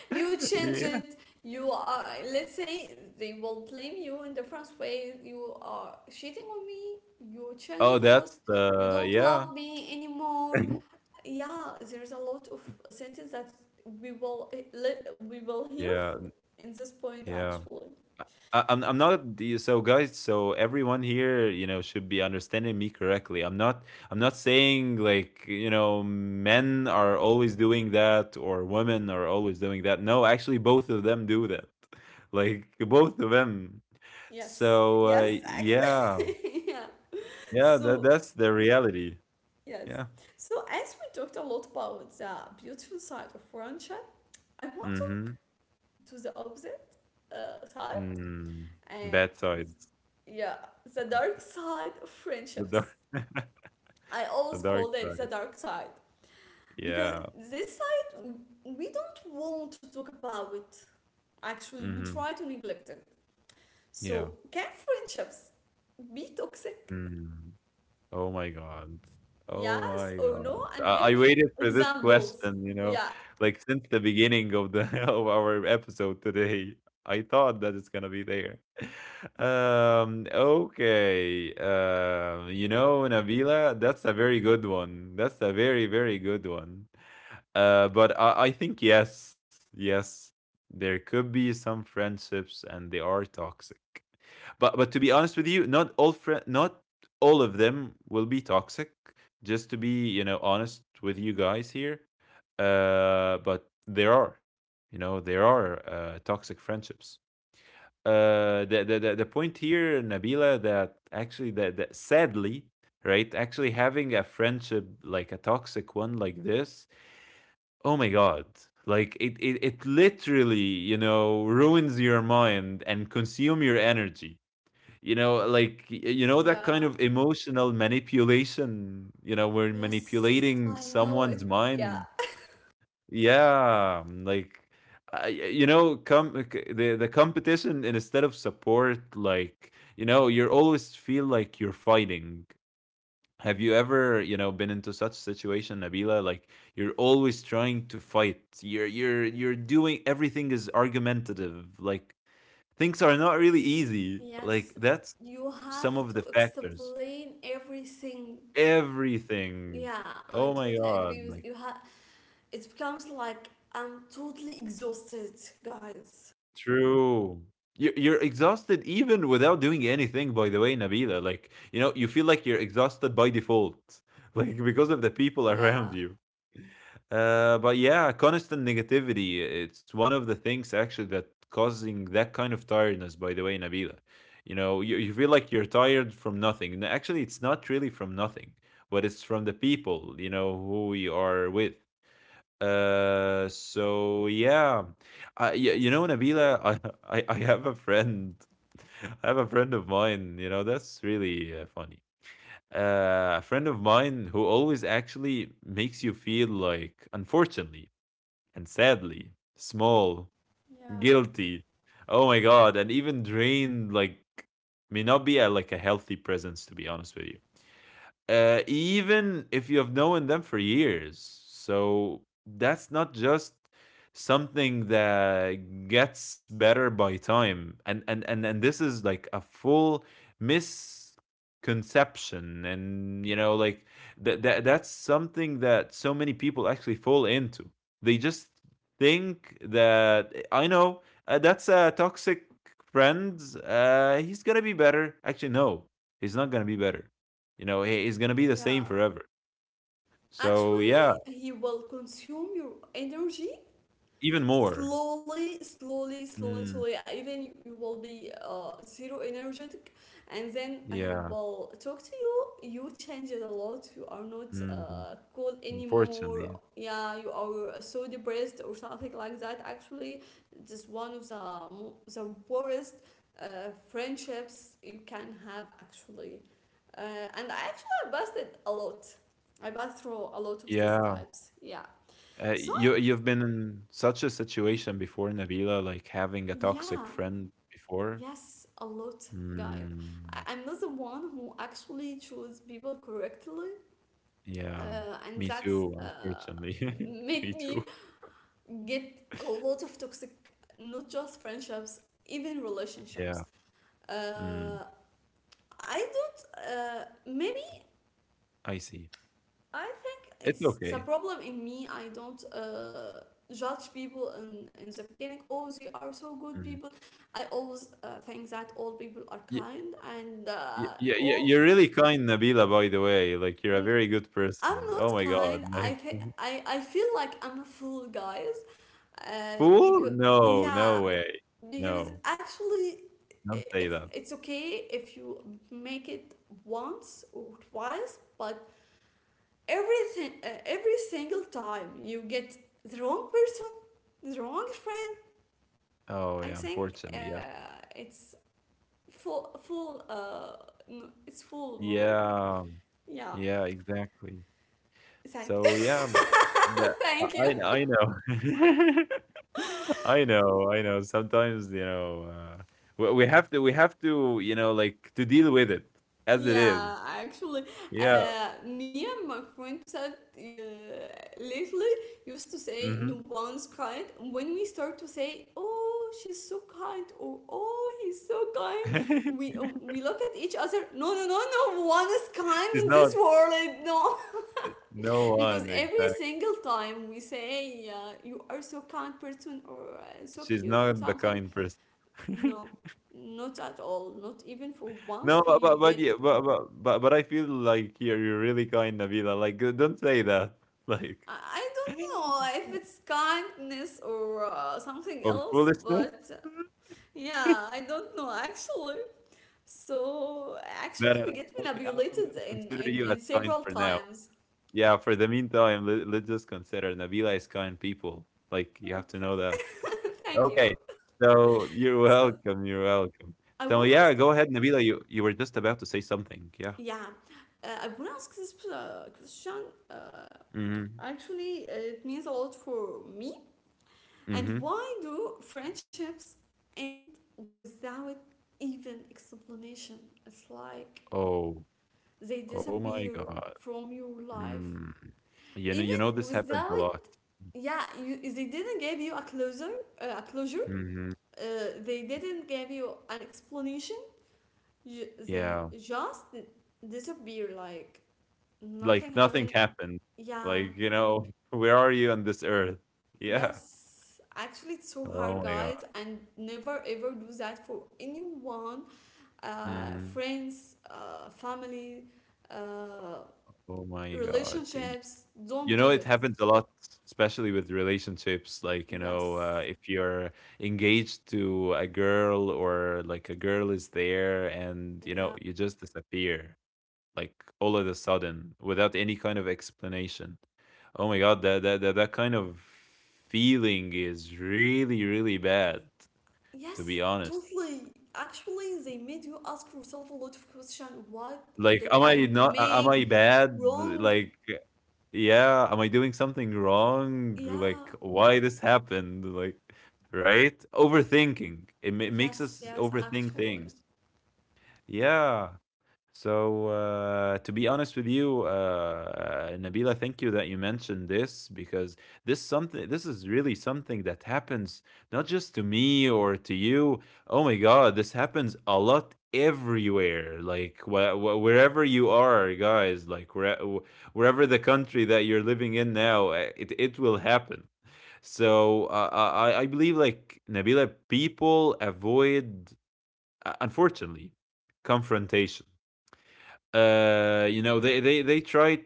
A: You change
B: yeah.
A: it, you are, let's say they will blame you in the different way. You are cheating on me, you
B: Oh,
A: changed a lot,
B: that's
A: you
B: the
A: don't
B: yeah.
A: love me anymore. Yeah, there's a lot of sentence that we will hear
B: Yeah.
A: f- in this point,
B: Yeah.
A: actually.
B: I'm not the — so guys, so everyone here, you know, should be understanding me correctly. I'm not saying like, you know, men are always doing that or women are always doing that. No, actually both of them do that. Like both of them.
A: Yes,
B: So
A: yes,
B: yeah.
A: actually. Yeah,
B: Yeah,
A: so
B: that's the reality.
A: yes.
B: Yeah.
A: So as we talked a lot about the beautiful side of friendship, I want to talk
B: Mhm.
A: to the opposite side.
B: Mm.
A: And
B: Bad sides.
A: yeah, the dark side of
B: The dark
A: friendships. I
B: the
A: always
B: dark
A: call it
B: side.
A: the dark side because
B: Yeah.
A: this side we don't want to talk about it. Actually, we
B: Mhm.
A: try to neglect it.
B: Yeah.
A: So, can friendships be toxic?
B: Mm. Oh my god. Oh
A: Yes
B: my
A: or
B: god.
A: no? And give
B: I
A: me
B: waited for this
A: examples.
B: question, you know,
A: Yeah.
B: like since the beginning of the of our episode today. I thought that it's gonna be there. Okay. You know, Nabila, that's a very good one. That's a very, very good one. But I think yes, yes, there could be some friendships and they are toxic. But to be honest with you, not all of them will be toxic. Just to be you know honest with you guys here, but there are you know there are toxic friendships. The point here, Nabila, that actually that sadly, right, actually having a friendship like a toxic one like this, oh my god, like it literally you know ruins your mind and consume your energy you know, like you know that kind
A: Yeah.
B: of emotional manipulation, you know, we're
A: Yes,
B: manipulating
A: I know it.
B: someone's
A: Yeah.
B: mind. Yeah, like I, you know, com- the competition and instead of support, like you know, you always feel like you're fighting. Have you ever, you know, been into such situation, Nabila? Like you're always trying to fight. You're doing everything is argumentative. Like things are not really easy. Like,
A: Yes,
B: that's
A: you
B: some
A: have
B: of
A: to
B: the factors.
A: explain everything.
B: Everything.
A: Yeah, I
B: Oh my
A: totally
B: god.
A: agree with
B: Like
A: you. Ha- It becomes like I'm totally exhausted, guys.
B: true. You you're exhausted even without doing anything, by the way, Nabila. Like, you know, you feel like you're exhausted by default. Like because of the people
A: Yeah,
B: around you. But yeah, constant negativity. It's one of the things actually that causing that kind of tiredness, by the way, Nabila. You know, you feel like you're tired from nothing. Actually, it's not really from nothing, but it's from the people, you know, who you are with. So yeah, you know,
A: yes,
B: Nabila, I have a friend, I have a friend of mine, you know, that's really funny. A friend of mine who always actually makes you feel like, unfortunately and sadly, small,
A: yeah,
B: guilty. Oh my God, and even drained, like, may not be like a healthy presence, to be honest with you even if you have known them for years. So that's not just something that gets better by time. And this is like a full misconception, and you know, like that's something that so many people actually fall into. They just think that I know that's a toxic friend. He's gonna be better. Actually, no, he's not gonna be better, you know, he's gonna be the
A: yeah.
B: same forever. So
A: Actually,
B: yeah,
A: he will consume your energy,
B: even more.
A: slowly slowly slowly
B: Mm,
A: slowly, even you, you will be zero energetic, and then he
B: yeah.
A: will talk to you, you changed a lot, you are not
B: Mm,
A: cool anymore,
B: unfortunately.
A: yeah, you are so depressed, or something like that. Actually, this is one of the worst uh, friendships you can have, actually, uh, and I actually busted a lot. I passed through a lot of these
B: Yeah.
A: types, yeah. So
B: You you've been in such a situation before, Nabila, like having a toxic
A: yeah.
B: friend before?
A: Yes, a lot, guys.
B: Mm,
A: I'm not the one who actually choose people correctly,
B: yeah.
A: and
B: Me
A: that's
B: too, unfortunately. Me
A: make
B: too.
A: me get a lot of toxic, not just friendships, even
B: Yeah.
A: relationships.
B: Mm,
A: Uh, I don't. Maybe
B: I see.
A: I think
B: It's
A: it's the
B: okay.
A: problem in me. I don't judge people in the beginning. Oh, they are so good
B: Mm.
A: people. I always think that all people are
B: Yeah,
A: kind, and
B: yeah, yeah,
A: all,
B: you're really kind, Nabila, by the way. Like, you're a very good
A: I'm
B: person. Oh
A: not
B: my God.
A: kind.
B: Like,
A: I feel like I'm a fool, guys. Uh,
B: fool?
A: because
B: No,
A: yeah,
B: no way.
A: because
B: No,
A: actually,
B: don't say that.
A: it's okay if you make it once or twice, but everything, every single time you get the wrong person, the wrong friend.
B: Oh,
A: I
B: yeah,
A: think
B: unfortunately, yeah.
A: it's full, no, it's full more.
B: Yeah,
A: Yeah,
B: yeah, exactly.
A: thank
B: So, yeah, that
A: thank you.
B: I I know. I know, I know. Sometimes, you know, we have to, you know, like to deal with it as it is.
A: Yeah, actually,
B: Yeah.
A: me and my friend said, lately used to say,
B: Mhm.
A: no one's kind. When we start to say, "Oh, she's so kind," or "Oh, he's so kind," we uh, we look at each other. No, no, no, no. One is kind
B: She's
A: in this
B: not,
A: world. No,
B: no
A: because
B: one,
A: every
B: exactly.
A: single time we say, "You are so kind person," or "So
B: She's
A: cute,"
B: not
A: or
B: the
A: something,
B: kind person.
A: no, not at all. Not even for
B: No,
A: once we
B: but yeah,
A: get,
B: but I feel like you're really kind, Nabila. Like, don't say that, like,
A: I don't know if it's kindness or something
B: or
A: else,
B: foolishness.
A: but yeah, I don't know actually. So actually,
B: No,
A: we
B: no, no. no.
A: get
B: Okay, I, I'm
A: manipulated
B: gonna consider you
A: in
B: as kind
A: several
B: for now.
A: times.
B: Yeah, for the meantime, let's just consider Nabila is kind people. Like, you have
A: Okay,
B: to know that.
A: thank you.
B: Okay, so you're
A: So
B: welcome. You're welcome.
A: I wanna
B: So
A: ask,
B: yeah, go ahead, Nabila. You were just about to say something. Yeah.
A: yeah, I wanna ask this question. Uh,
B: Mm-hmm.
A: Actually, it means a lot for me. And
B: Mm-hmm.
A: why do friendships end without even explanation? It's like
B: Oh,
A: they
B: oh
A: disappear
B: my God.
A: from your life
B: Mm.
A: even
B: You know, this happens
A: without,
B: a lot.
A: yeah, you, they didn't give you a closure. A closure,
B: Mhm.
A: uh, they didn't give you an explanation. They
B: Yeah.
A: just disappear like nothing
B: Like, nothing
A: happened,
B: happened.
A: yeah.
B: Like, you know, where are you on this earth? Yeah.
A: Yes, actually it's so hard,
B: Oh my god.
A: guys, and never ever do that for anyone,
B: Mhm.
A: friends, family, uh,
B: Oh my god. Y
A: relationships,
B: you
A: don't
B: know,
A: do
B: it
A: it.
B: happens a lot, especially with relationships, like, you know,
A: Yes.
B: if you're engaged to a girl or, like, a girl is there and, you
A: Yeah.
B: know, you just disappear. Like all of a sudden without any kind of explanation. Oh my god, that kind of feeling is really really bad to
A: Yes,
B: be honest.
A: totally. Actually, they made you ask yourself a lot of question. What
B: Like
A: did
B: am I
A: I
B: not a- am I
A: make
B: bad?
A: wrong?
B: Like yeah, am I doing something wrong?
A: Yeah.
B: Like why this happened? Like right? Overthinking. It makes
A: Yes,
B: us
A: yes,
B: overthink
A: actually.
B: things. Yeah. So, to be honest with you, Nabila, thank you that you mentioned this because this is really something that happens not just to me or to you. Oh my God, this happens a lot everywhere. Like wherever you are, guys, like wherever the country that you're living in now, it will happen. So I believe, like, Nabila, people avoid unfortunately confrontation, you know, they try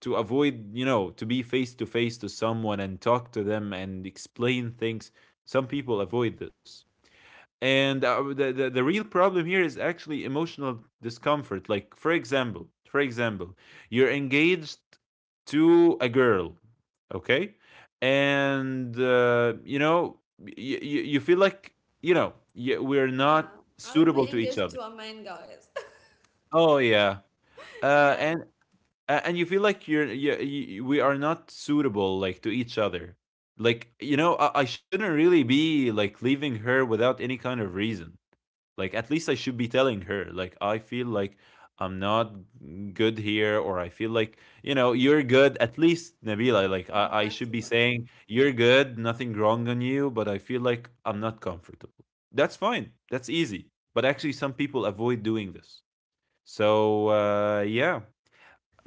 B: to avoid, you know, to be face to face to someone and talk to them and explain things. Some people avoid this. And uh, the real problem here is actually emotional discomfort. Like, for example, you're engaged to a girl, okay? And you know, you feel like, you know, we're not
A: Yeah. I would be
B: suitable to each
A: engaged to
B: other.
A: a man, guys.
B: Oh yeah, uh,
A: Yeah,
B: and you feel like we are not suitable, like, to each other. Like, you know, I shouldn't really be like leaving her without any kind of reason. Like, at least I should be telling her, like, I feel like I'm not good here, or I feel like, you know, you're good. At least, Nabila, like, I should
A: exactly.
B: be saying you're good, nothing wrong on you, but I feel like I'm not comfortable. That's fine, that's easy, but actually some people avoid doing this. So yeah,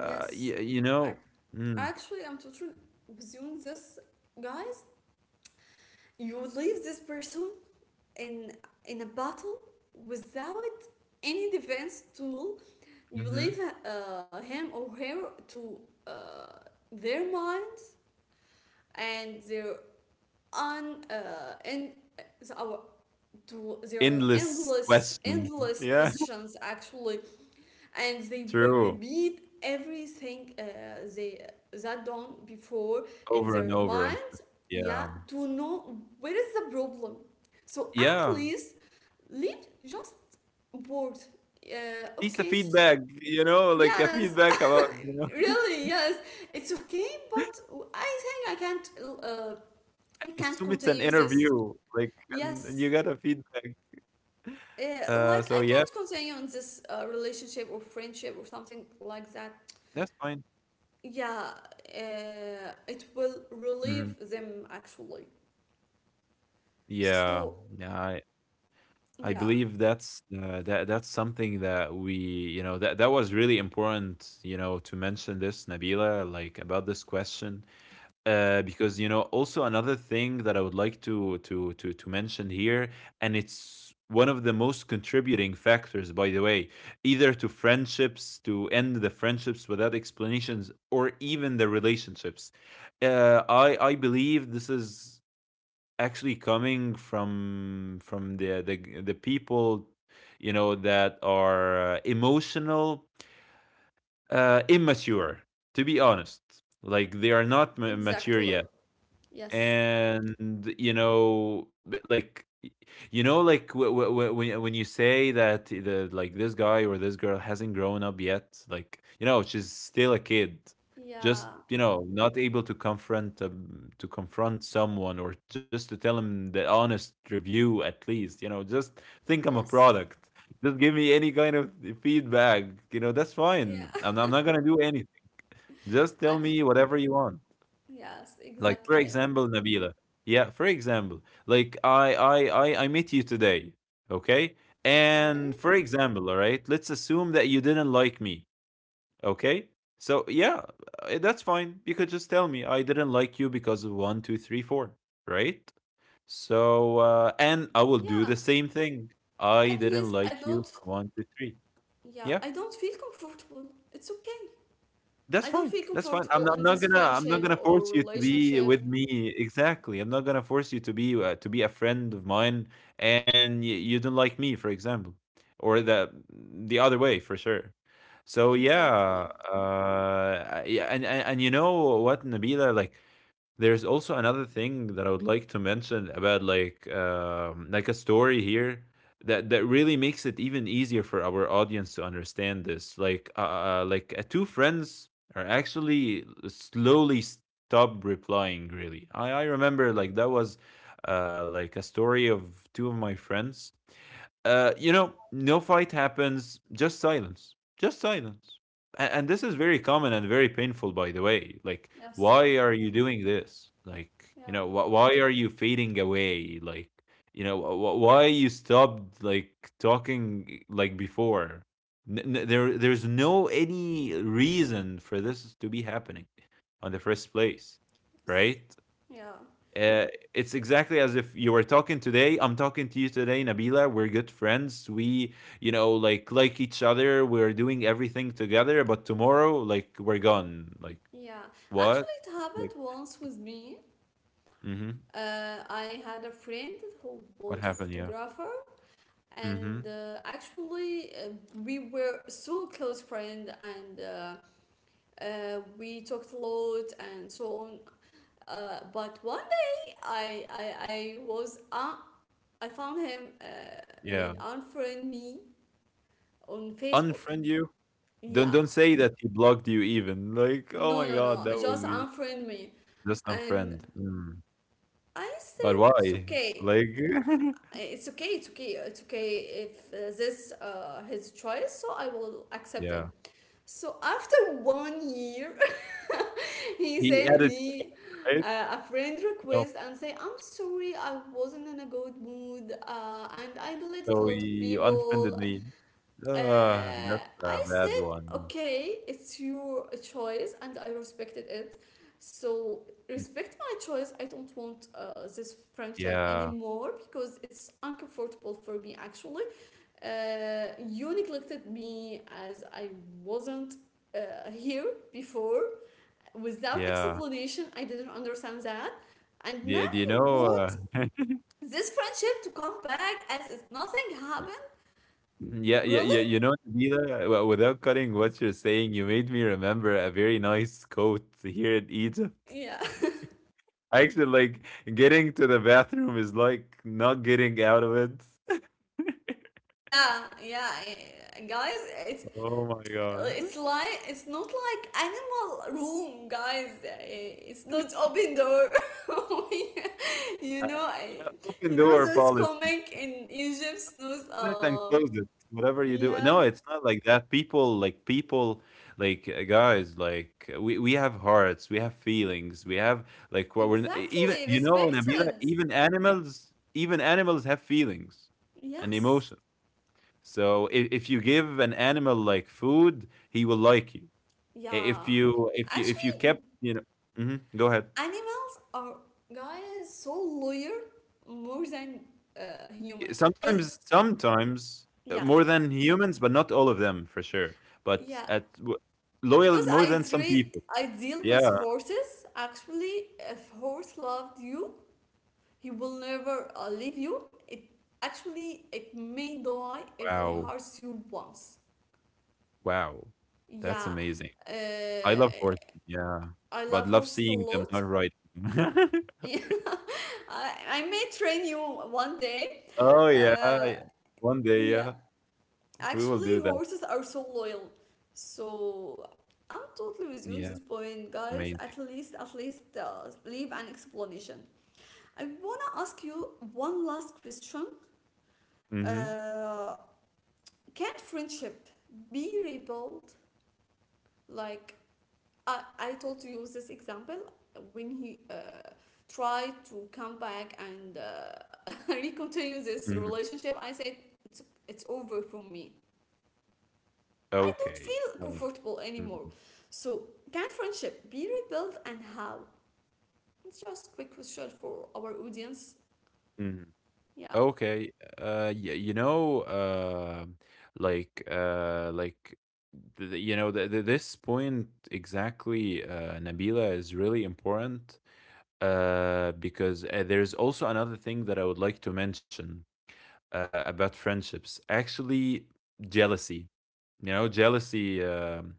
B: y you
A: I,
B: know. Mm,
A: actually, I'm totally with you on this, guys. You leave this person in in a battle without any defense tool. You
B: mhm.
A: leave him or her to uh, their minds, and their un and our to their
B: Endless
A: endless
B: questions.
A: endless
B: Yeah,
A: questions, actually, and they will
B: true.
A: repeat everything, they that done before in
B: Over and
A: their
B: over and
A: mind. Yeah,
B: yeah.
A: to know where is the problem. So at
B: Yeah,
A: least leave just bored.
B: at least a
A: Okay,
B: feedback, you know, like a
A: yes,
B: feedback about, you know,
A: really yes, it's okay but I think I can't, uh, I can't
B: assume it's an
A: continue this.
B: interview, like, and you
A: Yes,
B: got a feedback. Uh,
A: like I
B: so yeah,
A: can't continue in this relationship or friendship or something like that,
B: that's fine.
A: yeah. It will
B: Mhm.
A: relieve them, actually.
B: Yeah,
A: So
B: yeah, I
A: yeah,
B: believe that that's something that we, you know, that that was really important, you know, to mention this, Nabila, like, about this question. Because you know also another thing that I would like to mention here, and it's one of the most contributing factors, by the way, either to friendships, to end the friendships without explanations, or even the relationships. I believe this is actually coming from the people, you know, that are emotional, uh, immature, to be honest. Like, they are not mature
A: exactly,
B: yet.
A: yes.
B: And, you know, b like, y you know, like, wh wh when you say that, the like, this guy or this girl hasn't grown up yet, like, you know, she's still a kid. Just,
A: Yeah,
B: you know, not able to confront someone, or just to tell him the honest review, at least, you know, just think I'm a
A: yes.
B: product. Just give me any kind of feedback, you know, that's
A: Yeah,
B: fine. I'm not gonna do anything. Just tell
A: Act-
B: me whatever you want.
A: yes,
B: Like, for
A: exactly.
B: example, Nabila. Yeah, for example, like, I met you today, okay?
A: Okay,
B: And for example, all right, let's assume that you didn't like me, okay? So yeah, that's fine. You could just tell me I didn't like you because of one, two, three, four, right? So and I will do
A: yeah.
B: the same thing. I
A: At
B: didn't
A: least I
B: like you
A: don't,
B: for one, two, three.
A: yeah,
B: Yeah.
A: I don't feel comfortable. It's okay.
B: That's
A: I don't
B: fine,
A: feel
B: that's fine. I'm not
A: comfortable
B: I'm
A: in
B: not
A: this
B: gonna I'm not
A: friendship
B: gonna force
A: or
B: you to be with
A: relationship.
B: me, exactly. I'm not gonna force you to be a friend of mine, and you don't like me, for example, or the other way for sure. So yeah,
A: Exactly.
B: yeah, and, and you know what, Nabila, like, there's also another thing that I would like to mention about, like, like a story here that that really makes it even easier for our audience to understand this. Like two friends are actually slowly stop replying. Really, I remember, like, that was like, a story of two of my friends. Uh, you know, no fight happens, just silence. Just silence. And this is very common and very painful, by the way. Like,
A: Yes.
B: why are you doing this? Like, you
A: Yeah.
B: know, why are you fading away? Like, you know, why you stopped like talking like before? There's no any reason for this to be happening on the first place,
A: Yes.
B: right?
A: Yeah.
B: Uh, it's exactly as if you were talking today. I'm talking to you today, Nabila. We're good friends. We, you know, like each other. We're doing everything together. But tomorrow, like, we're gone. Like,
A: Yeah.
B: what?
A: Actually, it
B: Like,
A: happened once with me.
B: mm-hmm.
A: I had a friend who
B: What
A: was
B: happened? Yeah.
A: photographer, and
B: Mm-hmm.
A: actually, we were so close friend, and we talked a lot and so on. But one day I was I found him
B: Yeah.
A: made unfriend me on Facebook.
B: Unfriend you.
A: Yeah.
B: Don't say that he blocked you. Even like,
A: No,
B: oh
A: no,
B: my
A: no.
B: god, that
A: Just
B: would be
A: unfriend me.
B: just
A: And
B: unfriend. Mm.
A: I said
B: But
A: it's
B: why?
A: okay.
B: Like,
A: It's okay. It's okay. It's okay if this his choice, so I will accept it.
B: yeah.
A: So after 1 year, he
B: He
A: sent
B: added you,
A: me
B: right?
A: a friend
B: Oh,
A: request and say, I'm sorry I wasn't in a good mood and I deleted a
B: so
A: lot of
B: you unfriended
A: people.
B: me.
A: Uh,
B: Ah, that's a
A: I
B: bad
A: said,
B: one.
A: okay, it's your choice, and I respected it. So respect my choice. I don't want this friendship
B: Yeah,
A: anymore because it's uncomfortable for me. Actually, you neglected me as I wasn't here before, without
B: yeah.
A: explanation. I didn't understand that, and
B: Do you
A: now
B: do you
A: you want
B: know,
A: this friendship to come back as if nothing
B: y
A: happened.
B: yeah, yeah,
A: Really?
B: yeah, you know, Nabila, w without cutting what you're saying, you made me remember a very nice coat here in Egypt.
A: Yeah.
B: Actually, like, getting to the bathroom is like not getting out of it.
A: Yeah, yeah, yeah, guys, it's
B: Oh my God.
A: it's like it's not like animal room, guys. It's not open door. You
B: Uh,
A: know, I,
B: yeah, open
A: you know
B: door
A: those
B: policy.
A: comic in Egypt, those
B: It and close it. Whatever you do.
A: yeah,
B: No, it's not like that. People, like, people, like guys, like we have hearts, we have feelings, we have, like, what we're even,
A: exactly,
B: you know, Nabila,
A: respected.
B: even animals have feelings and emotion.
A: Yes,
B: So if you give an animal like food, he will like you. If
A: yeah.
B: you
A: Actually,
B: kept, you know, mhm, go ahead.
A: animals are, guys, so loyal more than human because
B: Sometimes,
A: yes,
B: more than humans, but not all of them, for sure. But
A: yeah,
B: at w loyal
A: because
B: more than some people.
A: I deal
B: Yeah.
A: with horses. Actually, if horse loved you, he will never leave you. It actually it may die if he
B: Wow.
A: hurts you once.
B: Wow. That's
A: Yeah,
B: amazing. I
A: uh,
B: love horses, yeah.
A: I
B: But
A: love
B: love
A: horses a
B: seeing them,
A: lot.
B: not riding them.
A: Yeah, I may train you one day.
B: Oh, yeah,
A: Uh,
B: yeah. One day,
A: yeah.
B: yeah. We will
A: Actually,
B: do that.
A: horses are so loyal. So I'm totally with you on
B: Yeah,
A: this point, guys.
B: amazing.
A: At least leave an explanation. I wanna ask you one last question.
B: Mhm,
A: Uh, can friendship be rebuilt? Like I told you this example, when he tried to come back and recontinue this
B: mhm.
A: relationship. I said it's over for me. I don't
B: Okay.
A: feel comfortable anymore.
B: Mhm,
A: So, can friendship be rebuilt, and how? It's just quick question for our audience.
B: mhm.
A: Yeah.
B: Okay. Y you know, like, th th- you know, th th this point exactly, Nabila, is really important, because there's also another thing that I would like to mention, about friendships. Actually, jealousy. You know, jealousy,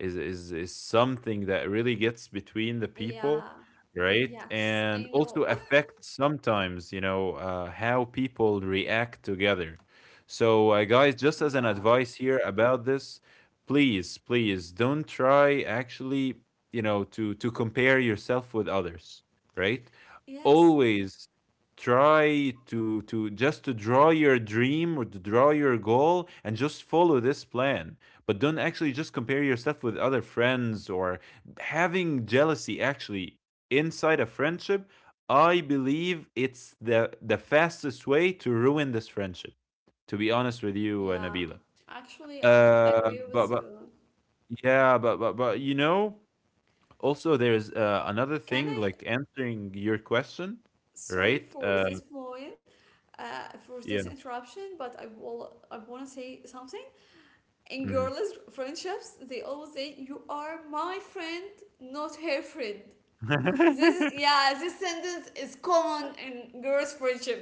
B: is something that really gets between the
A: Yeah.
B: people, right?
A: Yes, I
B: And
A: know.
B: also affects sometimes, you know, how people react together. So, guys, just as an
A: Yeah.
B: advice here about this, please, please don't try, actually, you know, to compare yourself with others, right?
A: Yes.
B: Always try to just to draw your dream or to draw your goal and just follow this plan. But don't actually just compare yourself with other friends, or having jealousy actually inside a friendship. I believe it's the fastest way to ruin this friendship, to be honest with you,
A: Yeah.
B: Nabila.
A: Actually, I totally
B: uh
A: agree
B: but
A: with
B: but
A: you.
B: yeah, but you know, also there is another thing,
A: Can I,
B: like answering your question,
A: sorry
B: right?
A: for this point, for
B: Yeah,
A: this interruption, but I will, I want to say something. In
B: mhm.
A: girls' friendships, they always say, "You are my friend, not her friend." This, yeah, this sentence is common in girls' friendship.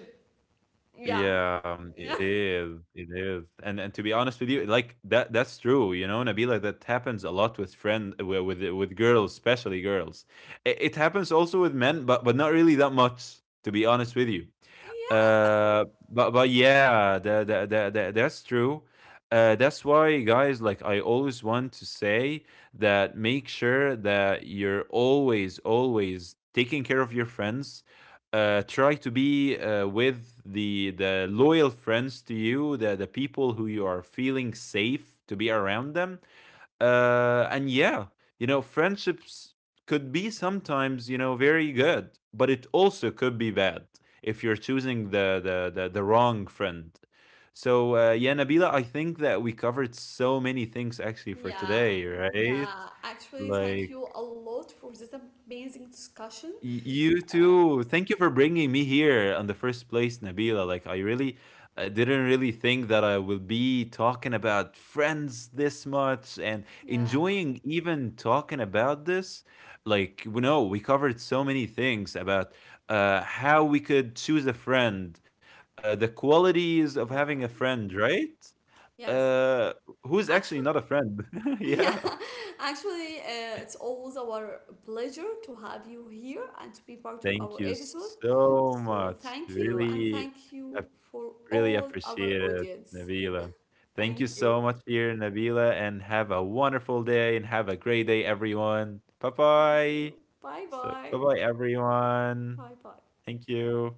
A: Yeah.
B: Yeah,
A: Yeah.
B: it is, and to be honest with you, like, that that's true, you know, Nabila, that happens a lot with friend wi with girls, especially girls. It happens also with men, but not really that much, to be honest with you.
A: Yeah.
B: But yeah, that that's true. That's why, guys, like, I always want to say that make sure that you're always, always taking care of your friends. Uh, try to be with the loyal friends to you, the people who you are feeling safe to be around them. And yeah, you know, friendships could be sometimes, you know, very good, but it also could be bad if you're choosing the wrong friend. So yeah, Nabila, I think that we covered so many things actually for
A: Yeah.
B: today, right?
A: Yeah. Actually,
B: Like,
A: thank you a lot for this amazing discussion.
B: You
A: Uh,
B: too. Thank you for bringing me here on the first place, Nabila. Like, I really, I didn't really think that I will be talking about friends this much and
A: yeah.
B: enjoying even talking about this. Like, we know we covered so many things about how we could choose a friend, the qualities of having a
A: Yeah.
B: friend, right?
A: Yes.
B: Uh, who's actually
A: Actually,
B: not a friend?
A: yeah.
B: Yeah.
A: Actually, it's always our pleasure to have you here and to be part of
B: Thank
A: our
B: you
A: episode.
B: so
A: So,
B: much.
A: thank you, and
B: Really.
A: thank you for
B: Really
A: all our
B: appreciate it,
A: audience.
B: Nabila. Thank you
A: Thank
B: so
A: you.
B: much, here, Nabila, and have a wonderful day and have a great day, everyone. Bye
A: Thank
B: bye.
A: you. Bye
B: So, bye
A: bye.
B: bye, everyone.
A: Bye bye.
B: Thank you.